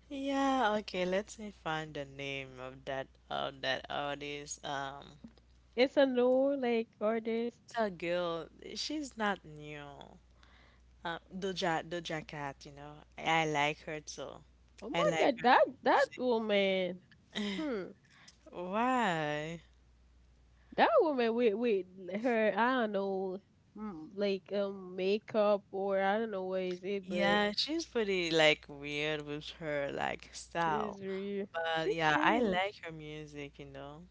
B: Yeah, okay, let me find the name of that artist.
A: It's a new like
B: It's
A: artist.
B: a girl. She's not new. Doja Cat. I like her too.
A: Oh
B: I
A: my
B: like
A: god,
B: her.
A: that that
B: Music.
A: woman. Hmm.
B: Why?
A: That woman with her, I don't know, mm, like makeup or I don't know what is it, but
B: Yeah, she's pretty like weird with her like style.
A: she's real.
B: But
A: She
B: yeah, I
A: changed.
B: like her music.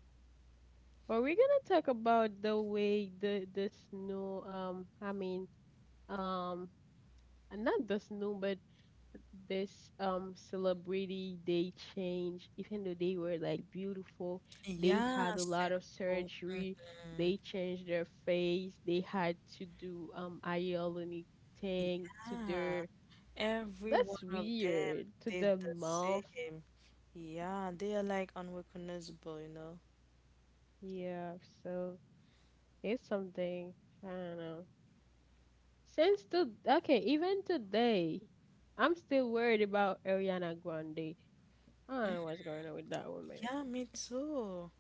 A: But we're gonna talk about the way the this new um and not just new, but this celebrity they changed. Even though they were like beautiful, they
B: Yeah,
A: had a lot of
B: simple.
A: surgery.
B: Mhm.
A: They changed their face. They had to do hyaluronic thing to
B: Yeah,
A: their.
B: every
A: That's
B: one of them
A: weird to
B: did
A: the
B: the
A: mouth.
B: same. Yeah, they are like unrecognizable.
A: Yeah, so it's something I don't know. Since to okay, even today, I'm still worried about Ariana Grande. I don't know what's going on with that woman.
B: Yeah, me too.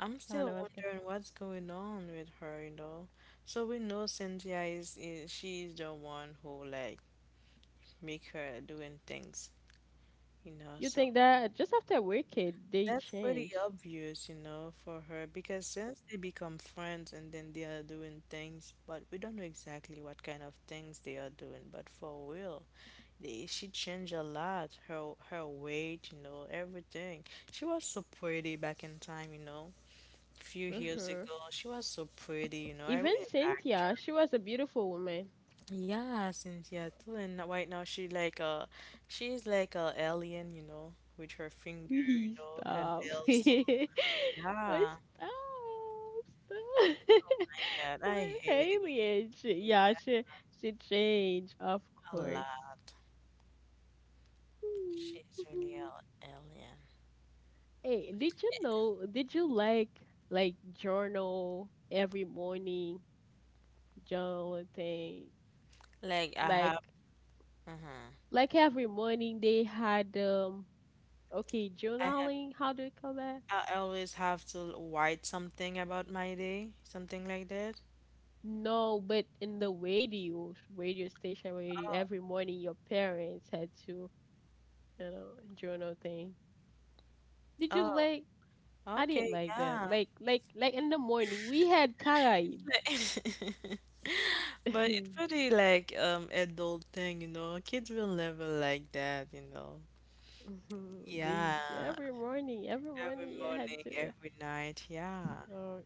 B: I'm
A: I don't
B: still
A: know what's going.
B: wondering what's going on with her. So we know Cynthia is she's the one who like make her doing things.
A: You
B: So
A: think that just after Wicked, they
B: that's pretty
A: change.
B: obvious, you know, for her because since they become friends and then they are doing things, but we don't know exactly what kind of things they are doing, but for real. She changed a lot, her weight, you know, everything. She was so pretty back in time. Few years
A: hmm
B: ago, she was so pretty, you know. I
A: Even
B: really liked
A: Cynthia,
B: her.
A: she was a beautiful woman.
B: Yeah, Cynthia too. And right now she's like a alien, you know, with her finger, you
A: Please
B: know, her
A: stop.
B: nails. So
A: Please
B: yeah.
A: stop. Stop.
B: Oh my God, I
A: What
B: hate it.
A: Haley and she, yeah,
B: Yeah,
A: she changed, of
B: a
A: course.
B: lot.
A: Hmm,
B: She's really
A: mhm.
B: a alien.
A: Hey, did you know? Did you like journal every morning journal thing?
B: Like I
A: Like
B: have, uh-huh.
A: like every morning they had okay,
B: I have.
A: journaling, how do you call that?
B: I always have to write something about my day, something like that.
A: No, but in the radio, radio station radio, every morning your parents had to, you know, journal thing. Did you
B: Oh,
A: like?
B: oh,
A: I didn't
B: okay,
A: like that.
B: yeah.
A: In the morning, we had Caraib.
B: But it's pretty like adult thing. Kids will never like that.
A: Mhm. They
B: Yeah,
A: every morning
B: every
A: you had
B: morning,
A: to.
B: every night, yeah.
A: Oh,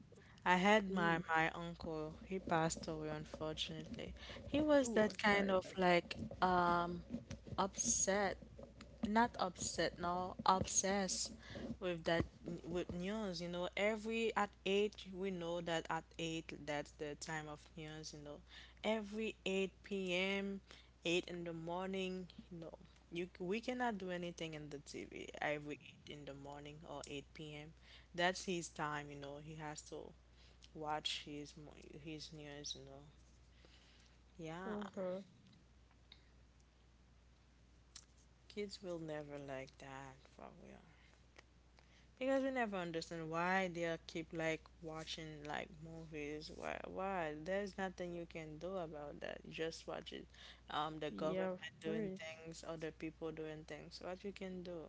B: I had
A: ooh,
B: my uncle, he passed away unfortunately. He was
A: ooh, I'm
B: that
A: sorry
B: kind of
A: about that.
B: like um upset, not upset, no, obsessed with that, with news, you know. Every at eight we know that at eight that's the time of news, you know. Every 8 p.m., 8 in the morning, you know, you we cannot do anything in the TV every 8 in the morning or 8 p.m. That's his time, you know. He has to watch his his news, you know. Yeah.
A: Uh huh.
B: Kids will never like that for real. Because we never understand why they are keep like watching like movies. Why? Why? There's nothing you can do about that. You just watch it. The
A: Yeah,
B: government
A: of
B: doing
A: course.
B: things, other people doing things. What you can do?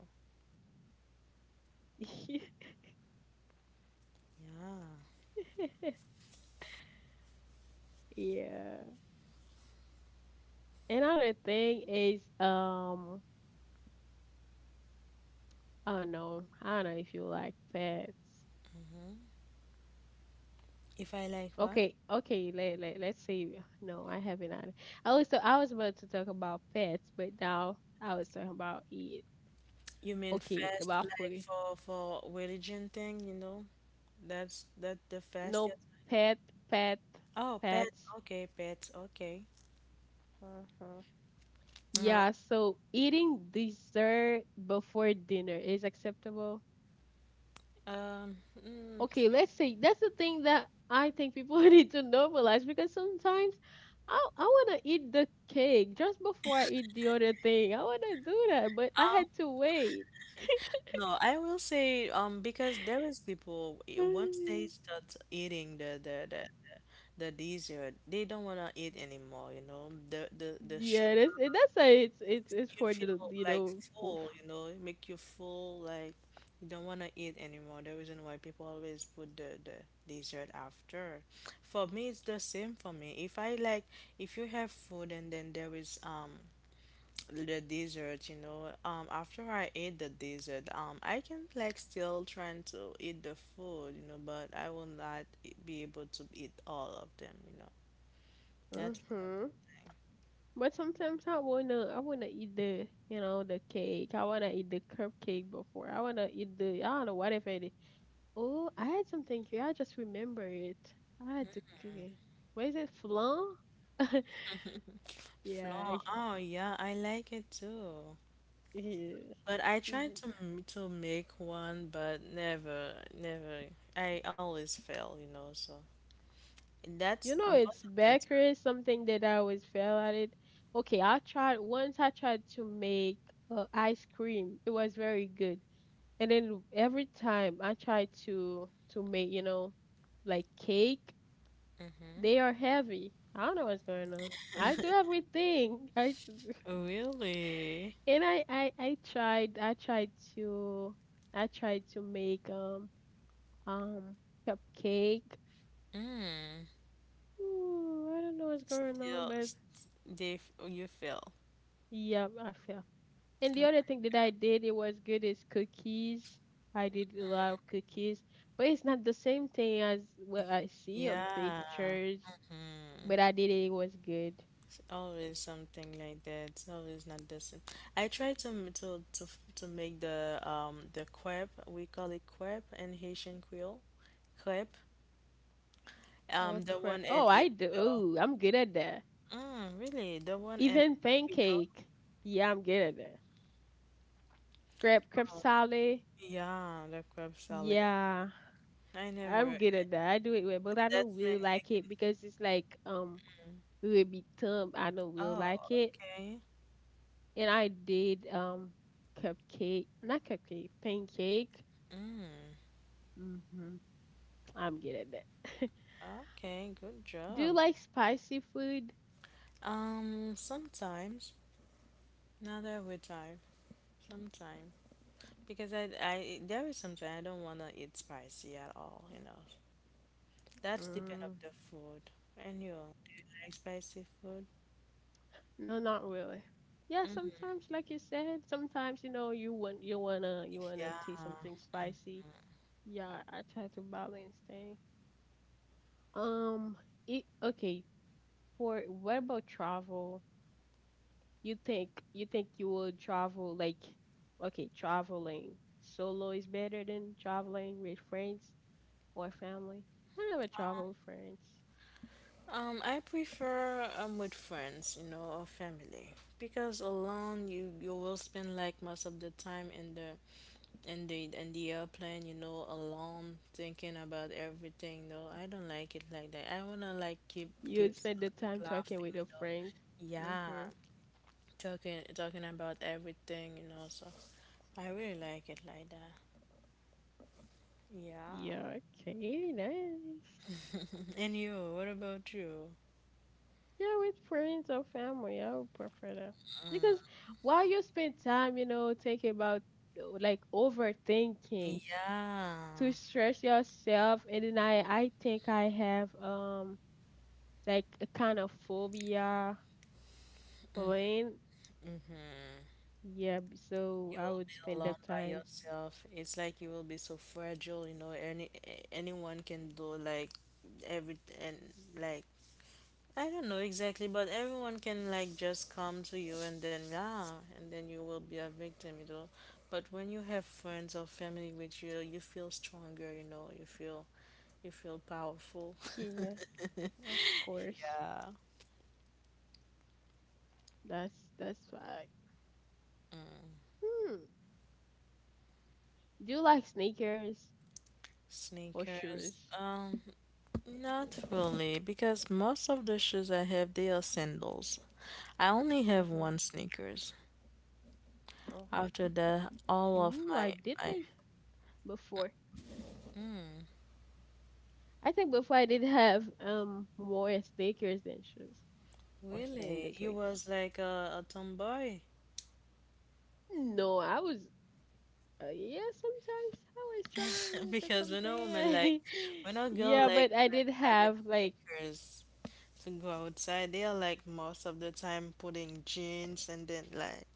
B: Yeah.
A: Yeah. Another thing is, I don't know. I don't know if you like pets.
B: If I like what?
A: Okay. Let's say no. I haven't. Had- I was so I was about to talk about pets, but now I was talking about eat.
B: You mean
A: Okay,
B: fast,
A: about
B: like
A: food.
B: for religion thing? You know, that's that the
A: No
B: fastest.
A: pet, pet,
B: Oh, pets.
A: pets.
B: Okay, pets. Okay.
A: hmm
B: Um,
A: Yeah. So eating dessert before dinner is acceptable.
B: um, mm,
A: Okay, let's say that's the thing that I think people need to normalize because sometimes I wanna eat the cake just before I eat the other thing. I wanna do that, but I had
B: um,
A: to wait.
B: no, I will say because there is people once they start eating the dessert, they don't wanna eat anymore, you know. The
A: Yeah,
B: sugar,
A: that's why it's
B: you
A: for
B: feel
A: the you
B: like
A: know for.
B: full, you know, it make you full like you don't wanna eat anymore. The reason why people always put the dessert after. For me, it's the same for me. If I like if you have food and then there is the dessert. After I ate the dessert, I can like still trying to eat the food, you know, but I will not be able to eat all of them. That's one of
A: Mm-hmm. But sometimes I wanna eat the you know the cake. I wanna eat the cupcake before. I wanna eat the I don't know whatever. Oh, I had something here. I just remember it. I had to cook it. What is it? Flan?
B: the
A: Yeah,
B: flan.
A: I-
B: Oh yeah, I like it too.
A: yeah.
B: But I
A: Mhm.
B: tried to make one, but never, never. I always fail, you know. So
A: You
B: that's
A: know, it's
B: most of the
A: bakery, something that I always fail at it. Okay, I tried once I tried to make ice cream. It was very good. And then every time I tried to make, you know, like cake, they are heavy. I don't know what's going on. I do everything. I
B: time. Really?
A: And I tried to I tried to make um cupcake. Ooh, I don't know what's going on,
B: Still,
A: but
B: st- they f- you fail.
A: yeah, I fell. And the
B: I'm
A: other
B: like,
A: thing that I did it was good is cookies. I did a lot of cookies, but it's not the same thing as what I see on
B: yeah.
A: pictures.
B: Mm,
A: But I did it, it was good.
B: it's always something like that. It's always not the same. I try to m- to f- to make the crepe. We call it crepe in Haitian Creole. Crepe.
A: Oh
B: The
A: crap!
B: one in
A: Oh, I do.
B: Epido.
A: Ooh, I'm good at that.
B: Mm, really, the one in
A: Even
B: Epido.
A: pancake. Yeah, I'm good at that. Crab, crab
B: Oh,
A: salad.
B: yeah, the crepe salad.
A: Yeah,
B: I
A: I'm
B: never.
A: good at that. I do it well, but I don't
B: That's when
A: really
B: you
A: like
B: can.
A: it because it's like it will become I don't really like
B: Oh,
A: it.
B: okay.
A: And I did cupcake, not cupcake, pancake.
B: Mm,
A: Mm-hmm. I'm good at that.
B: okay. Good
A: Do you
B: job.
A: like spicy food?
B: Sometimes. Not every time. Sometimes. Because I there is something I don't wanna eat spicy at all, you know. That's depend of
A: Mm,
B: the food. And you, do you like spicy food?
A: no, not really. Yeah,
B: Mm,
A: sometimes, like you said, sometimes you know you want you wanna taste
B: yeah.
A: something spicy. Yeah, I try to balance things. Um, it, okay. For what about travel? You think you will travel like okay, traveling solo is better than traveling with friends or family? I never travel with friends.
B: I prefer with friends, you know, or family. Because alone you will spend like most of the time in the airplane, you know, alone thinking about everything. No, I don't like it like that. I wanna like
A: You would
B: keep
A: spend the
B: keep
A: time talking
B: laughing,
A: with your
B: you know.
A: friends.
B: Yeah,
A: Mhm.
B: talking about everything, you know, so I really like it like that, yeah.
A: Yeah, okay, nice.
B: And you what about you
A: Yeah, with friends or family, I would prefer that. Because while you spend time, you know, thinking about like overthinking
B: Yeah.
A: to stress yourself and then I think I have like a kind of phobia playing.
B: Mm-hmm.
A: Yeah, b- so
B: You
A: I
B: will
A: would
B: be
A: spend
B: alone
A: that
B: by
A: time.
B: yourself. It's like you will be so fragile, you know, anyone can do like every and like, I don't know exactly, but everyone can like just come to you, and then yeah, and then you will be a victim, you know. But when you have friends or family with you feel stronger, you know, you feel. You feel powerful.
A: Yeah, of course.
B: Yeah.
A: That's fact. Hmm. Do you like sneakers or
B: Sneakers.
A: shoes?
B: Not really, because most of the shoes I have, they are sandals. I only have
A: Mm-hmm.
B: one sneakers.
A: Okay.
B: After that, all of
A: Ooh, I
B: my,
A: did
B: my.
A: like before. I think before I did have more sneakers than shoes or
B: Really?
A: sandals, I
B: You
A: guess.
B: was like a tomboy?
A: No, I was. Yeah, sometimes I was trying to get
B: Because when a woman like
A: something.
B: when a girl
A: Yeah,
B: like
A: but I
B: like
A: did
B: having
A: have like
B: sneakers to go outside, they are like most of the time putting jeans and then like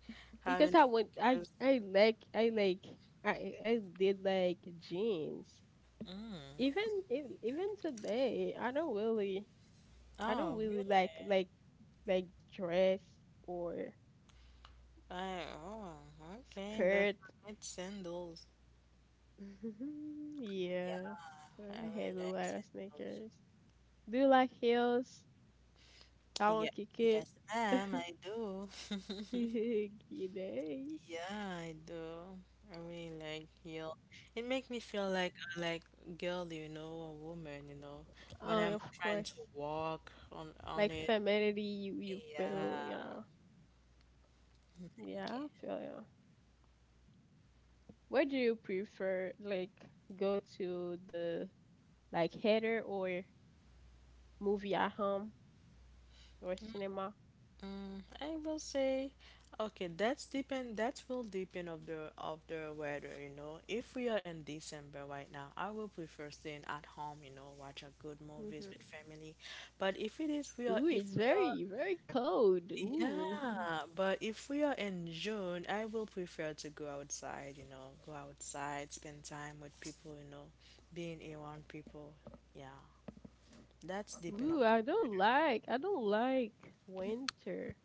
A: Because
B: having
A: I would I
B: sneakers.
A: I like I like I did like jeans.
B: Mm.
A: Even ev- even today, I don't
B: Oh, really?
A: really like like dress or
B: I, oh, okay, but
A: skirt.
B: for night sandals. Yeah,
A: Yes,
B: I
A: I had
B: really
A: a
B: like
A: lot of
B: sandals.
A: sneakers. Do you like heels? Talon
B: Yeah,
A: kiki.
B: yes, ma'am, I do.
A: Yes.
B: Yeah, I do. I really like heel. It make me feel like a like girl, you know, a woman, you know, when
A: Oh
B: I'm
A: of
B: trying
A: course.
B: to walk on
A: Like
B: it.
A: femininity, you
B: Yeah.
A: feel, you know. Yeah, I feel you. Where do you prefer, like, go to the like theater or movie at home or cinema?
B: Mm, I will say, okay, that's depend. That will depend of the weather, you know. If we are in December right now, I will prefer staying at home, you know, watch a good movies with
A: hmm
B: family. But if it is we are,
A: Ooh,
B: if
A: it's
B: we are,
A: very, very cold.
B: yeah.
A: Ooh,
B: But if we are in June, I will prefer to go outside, you know, go outside, spend time with people, you know, being around people. Yeah, that's depend of
A: ooh,
B: the
A: I don't like winter.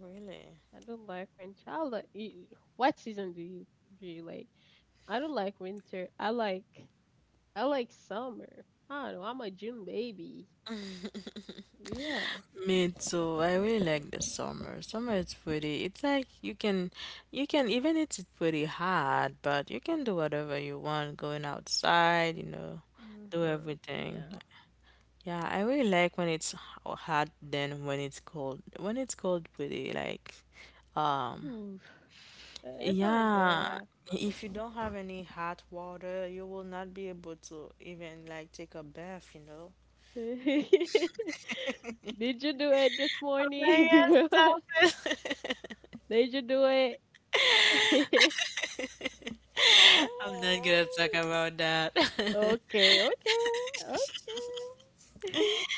B: really.
A: I don't like winter. I like. Y- What season do you like? I don't like winter. I like summer. I don't know. I'm a June baby. Yeah.
B: Me too. I really like the summer. Summer is pretty. It's like you can even it's pretty hot, but you can do whatever you want, going outside, you know,
A: hmm
B: do everything.
A: Yeah.
B: Yeah, I really like when it's hot than when it's cold. When it's cold, pretty like, um,
A: Oof. That's not
B: yeah.
A: good.
B: If you don't have any hot water, you will not be able to even like take a bath, you know.
A: Did you do it this
B: Oh
A: morning?
B: my
A: girl?
B: God, stop it.
A: Did you do it?
B: I'm not
A: Ay.
B: gonna talk about that.
A: okay, okay, okay.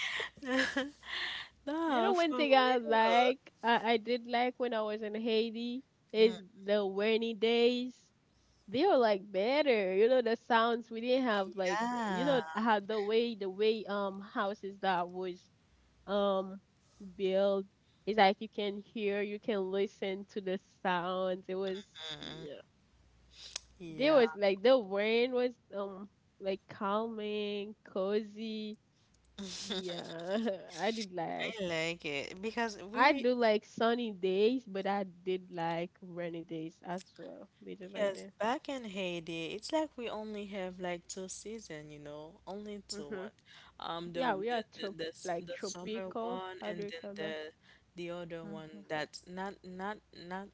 A: You
B: No,
A: know, one
B: for
A: thing I
B: real.
A: like, I did like when I was in Haiti is the rainy days. They were like better, you know, the sounds we didn't have like, you
B: Yeah.
A: know, how the way houses that was um build. It's like you can hear, you can listen to the sounds. It was yeah. There
B: Yeah,
A: was like the rain was like calming, cozy. Yeah. I did like
B: I like it because
A: I
B: we.
A: do like sunny days, but I did like rainy days as well. Did you like
B: Yes,
A: that?
B: back in Haiti, it's like we only have like two season, you know, only two
A: Mm-hmm.
B: one. The
A: Yeah, we
B: the
A: are
B: the,
A: trop
B: the, s-
A: like
B: the summer
A: tropical.
B: one
A: How
B: and
A: do we
B: then
A: call
B: the
A: that?
B: the other one
A: Mm-hmm.
B: that's not not not.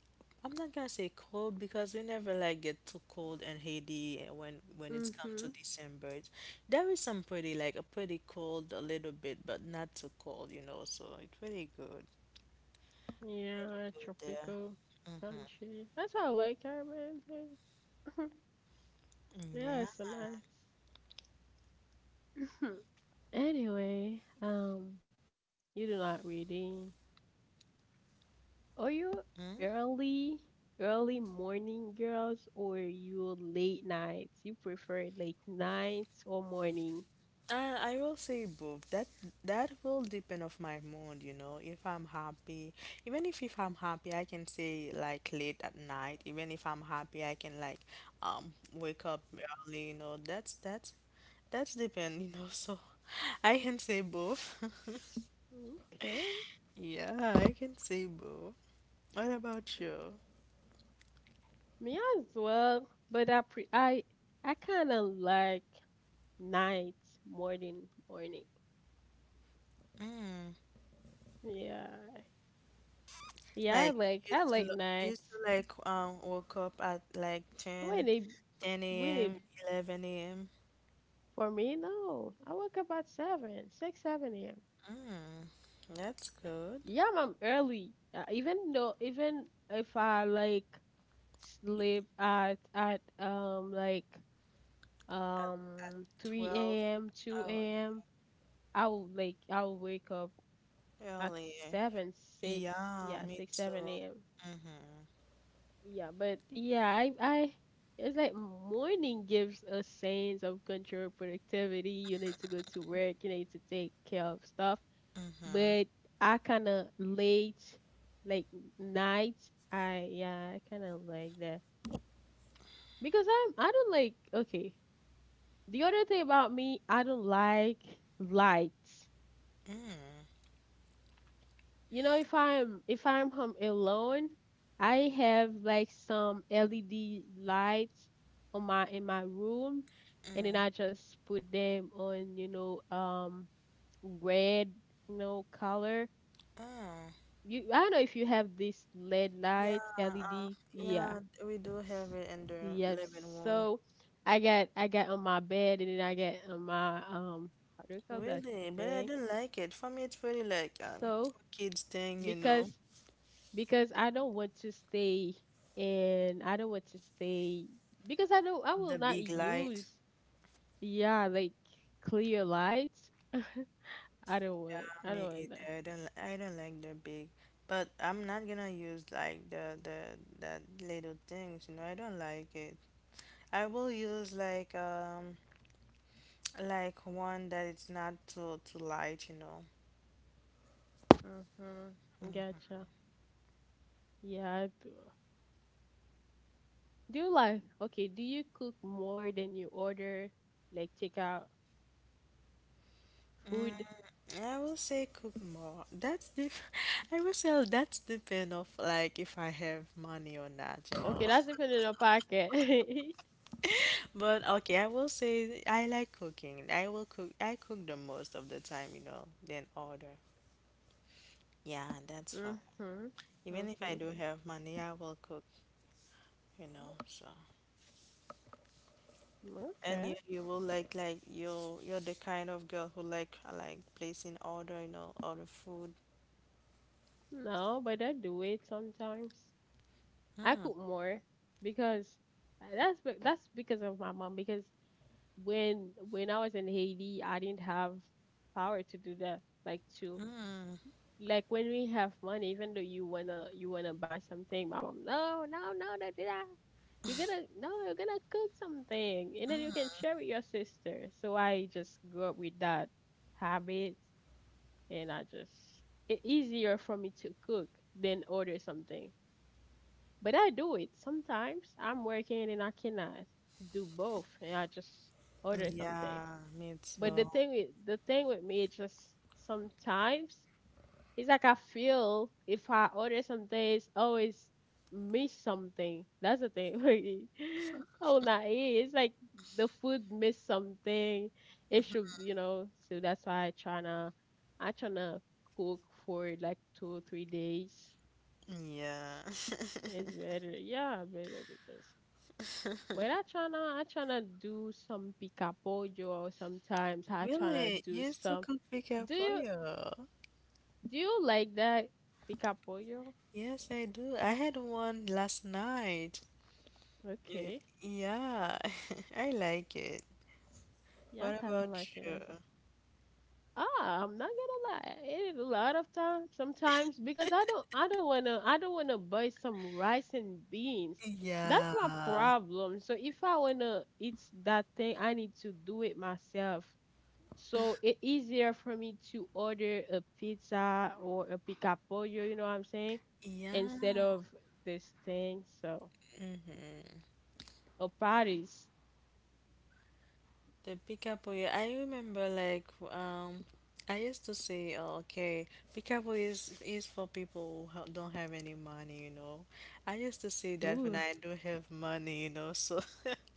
B: I'm not gonna say cold because we never like get too cold in Haiti when it's come to
A: Mm-hmm.
B: December. There is some pretty like a pretty cold a little bit, but not too cold, you know. So it's pretty good, pretty
A: Yeah,
B: good there.
A: tropical
B: Mm-hmm.
A: country. That's how I like Caribbean. Yeah,
B: Yeah.
A: it's so nice. Anyway, you do not reading. Are you early, early morning girls or you late nights? You prefer late nights or morning?
B: I will say both. That will depend of my mood, you know. If I'm happy, even if I'm happy, I can say like late at night. Even if I'm happy, I can like wake up early, you know. That's depend, you know. So I can say both.
A: Okay,
B: Yeah, I can say both. What about you?
A: me as well. But I pre I kind of like nights more than morning. Yeah, yeah,
B: Like you
A: I
B: used to
A: like
B: lo- you used to
A: nights
B: like woke up at like ten
A: when it
B: ten
A: when
B: a.m.,
A: it
B: 11 a.m.
A: for me, no. I wake up at 7, a.m.
B: Mm, that's good.
A: Yeah, I'm early. Even though, even if I like sleep at
B: At, at 12.
A: 3 a.m., 2
B: Oh,
A: a.m.,
B: okay.
A: I'll wake up at
B: Early.
A: 7, 6,
B: Yeah,
A: yeah,
B: me
A: 6,
B: too.
A: 7 a.m.
B: Mm-hmm.
A: Yeah, but yeah, I it's like morning gives a sense of control, productivity. You need to go to work, you need to take care of stuff, but I kind of late, like nights. I yeah, I kind of like that because I'm I don't like okay. The other thing about me, I don't like lights.
B: Mm.
A: You know, if I'm home alone, I have like some LED lights on my in my room, and then I just put them on. You know, red, you know, color.
B: Oh.
A: You, I don't know if you have this LED
B: Yeah,
A: light, LED. Yeah.
B: yeah, we do have it in the
A: Yep.
B: living room.
A: So I got on my bed and then I got on my how do you call that
B: Really? But I
A: thing?
B: don't like it. For me, it's pretty like
A: So
B: kids thing, you know,
A: because because I don't want to stay and I don't want to stay because I know I
B: the
A: will not
B: big light.
A: use yeah like clear lights.
B: Yeah,
A: I
B: me
A: don't want
B: either.
A: that.
B: I don't like the big. But I'm not gonna use like the little things, you know. I don't like it. I will use like one that it's not too light, you know.
A: Mhm. Gotcha. Yeah, I do. Do you like, okay, do you cook more than you order, like take out food?
B: I will say cook more. That's the I will say, that's depend of like if I have money or not, you
A: Okay,
B: know.
A: that's even in a packet.
B: But okay, I will say I like cooking. I will cook. I cook the most of the time, you know, than order. Yeah, that's all.
A: Mm-hmm.
B: Even if I
A: Mm-hmm.
B: do have money, I will cook, you know. So and
A: Okay.
B: you will like you're the kind of girl who like placing order, you know, order food.
A: No, but I do it sometimes. I
B: Mm.
A: cook more because that's because of my mom. Because when I was in Haiti, I didn't have power to do that, like to
B: Mm.
A: like when we have money, even though you wanna buy something, my mom, no, no, no, don't do that. You're gonna no, you're gonna cook something, and then you can share with your sister. So I just grew up with that habit, and I just it's easier for me to cook than order something. But I do it sometimes. I'm working and I cannot do both, and I just order something.
B: Yeah, me
A: But
B: too.
A: the thing with me is just sometimes it's like I feel if I order something, it's always miss something. That's the thing. Oh, not eat. It's like the food miss something. It should, you know. So that's why I tryna cook for like 2 or 3 days.
B: Yeah.
A: It's better, yeah, better because. But I tryna do some pica pollo or sometimes I tryna
B: Really?
A: do
B: You still
A: some.
B: cook pickle
A: Do you
B: pollo?
A: do you like that pica pollo?
B: Yes, I do. I had one last night. Y-
A: Okay.
B: Yeah, I like it.
A: Yeah, I
B: What
A: kind of
B: about
A: like it
B: you?
A: as a. Ah, I'm not gonna lie. I ate It is a lot of times, sometimes because I don't wanna buy some rice and beans. That's
B: Yeah.
A: my problem. So if I wanna eat that thing, I need to do it myself. So it easier for me to order a pizza or a picapollo, you know what I'm saying? Instead
B: Yeah.
A: of this thing, so or patties.
B: The Picapoe, I remember like um I used to say, oh, okay, Picapoe is for people who don't have any money, you know. I used to say that when
A: Ooh.
B: I do have money, you know. So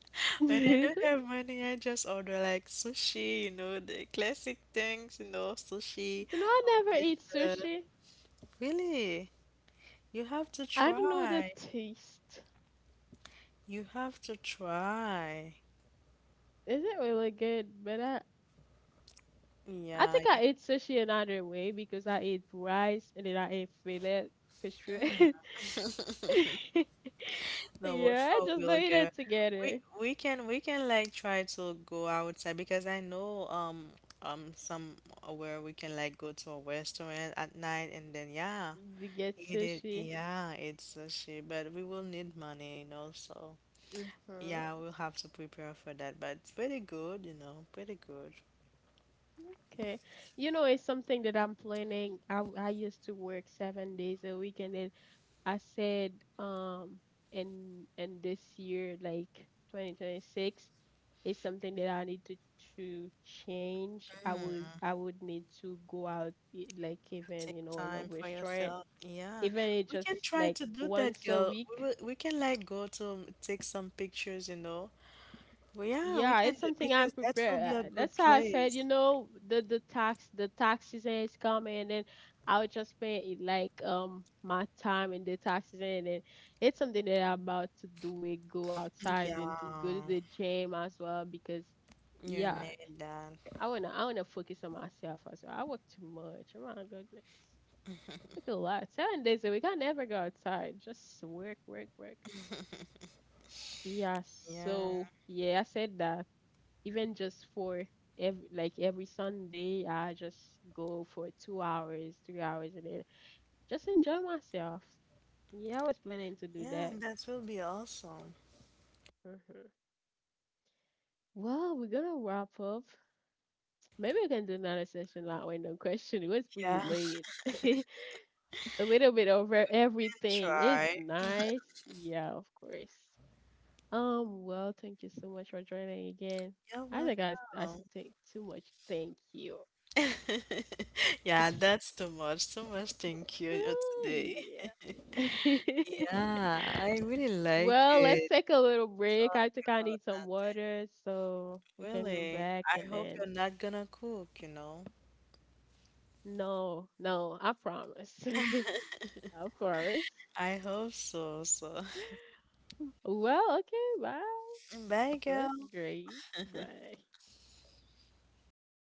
B: when I don't have money, I just order like sushi, you know, the classic things, you know, sushi
A: You know I
B: or
A: never eat
B: pizza.
A: sushi.
B: Really, you have to
A: I don't know the
B: try.
A: taste.
B: You have to try.
A: Isn't really good, but I
B: Yeah.
A: think I ate sushi another way because I ate rice and then I ate fillet, fish fillet.
B: No, but
A: Yeah, I
B: for
A: just
B: real,
A: don't eat
B: girl,
A: it
B: we
A: together.
B: we can we can like try to go outside because I know some where we can like go to a restaurant at night and then yeah,
A: You get
B: eat it.
A: sushi.
B: Yeah, it's sushi, but we will need money, you know. So
A: Mm-hmm.
B: yeah, we'll have to prepare for that. But it's pretty good, you know, pretty good.
A: Okay. You know, it's something that I'm planning. I used to work 7 days a week and then I said um and in this year like 2026 is something that I need to change. I would need to go out e- like even
B: Take
A: you know in a
B: time for
A: restaurant
B: yourself. Yeah,
A: even it
B: we
A: just
B: can try
A: like
B: to do that,
A: once a
B: girl. We
A: week.
B: will, we can like go to take some pictures, you know. Well, yeah, we
A: Yeah,
B: can
A: it's
B: do
A: something I'm
B: because that will
A: prepared.
B: be a good
A: That's how I said,
B: place.
A: you know, the tax season is coming and then I would just spend it like my time in the tax season and it's something that I'm about to do it, go outside and to go to
B: Yeah,
A: the gym as well because
B: you
A: yeah,
B: need that.
A: I wanna focus on myself as well. I work too much. Oh my goodness. Look a lot. 7 days a week. I never go outside. Just work, work, work. Yeah,
B: Yeah,
A: so yeah, I said that even just for every like every Sunday, I just go for 2 hours, 3 hours, and then just enjoy myself. Yeah, I was planning to do
B: yeah,
A: that.
B: and that will be awesome.
A: hmm Well, we're gonna wrap up. Maybe we can do another session like random question. It was pretty
B: Yeah,
A: late. A little bit over everything. It's
B: try.
A: nice. Yeah, of course. Well, thank you so much for joining again.
B: You're
A: I
B: welcome.
A: should take too much thank you.
B: Yeah, that's too much. Too much thank you
A: Oh,
B: today.
A: yeah.
B: Yeah, I really like
A: Well, let's
B: it.
A: take a little break. I
B: Talk
A: think I
B: about
A: need some
B: nothing.
A: water so we can go
B: Really.
A: back
B: I
A: and
B: hope
A: then.
B: you're not gonna cook, you know.
A: No, no, I promise. I promise.
B: I hope so, so.
A: Well, okay, bye.
B: Bye,
A: It was
B: girl.
A: great. Bye.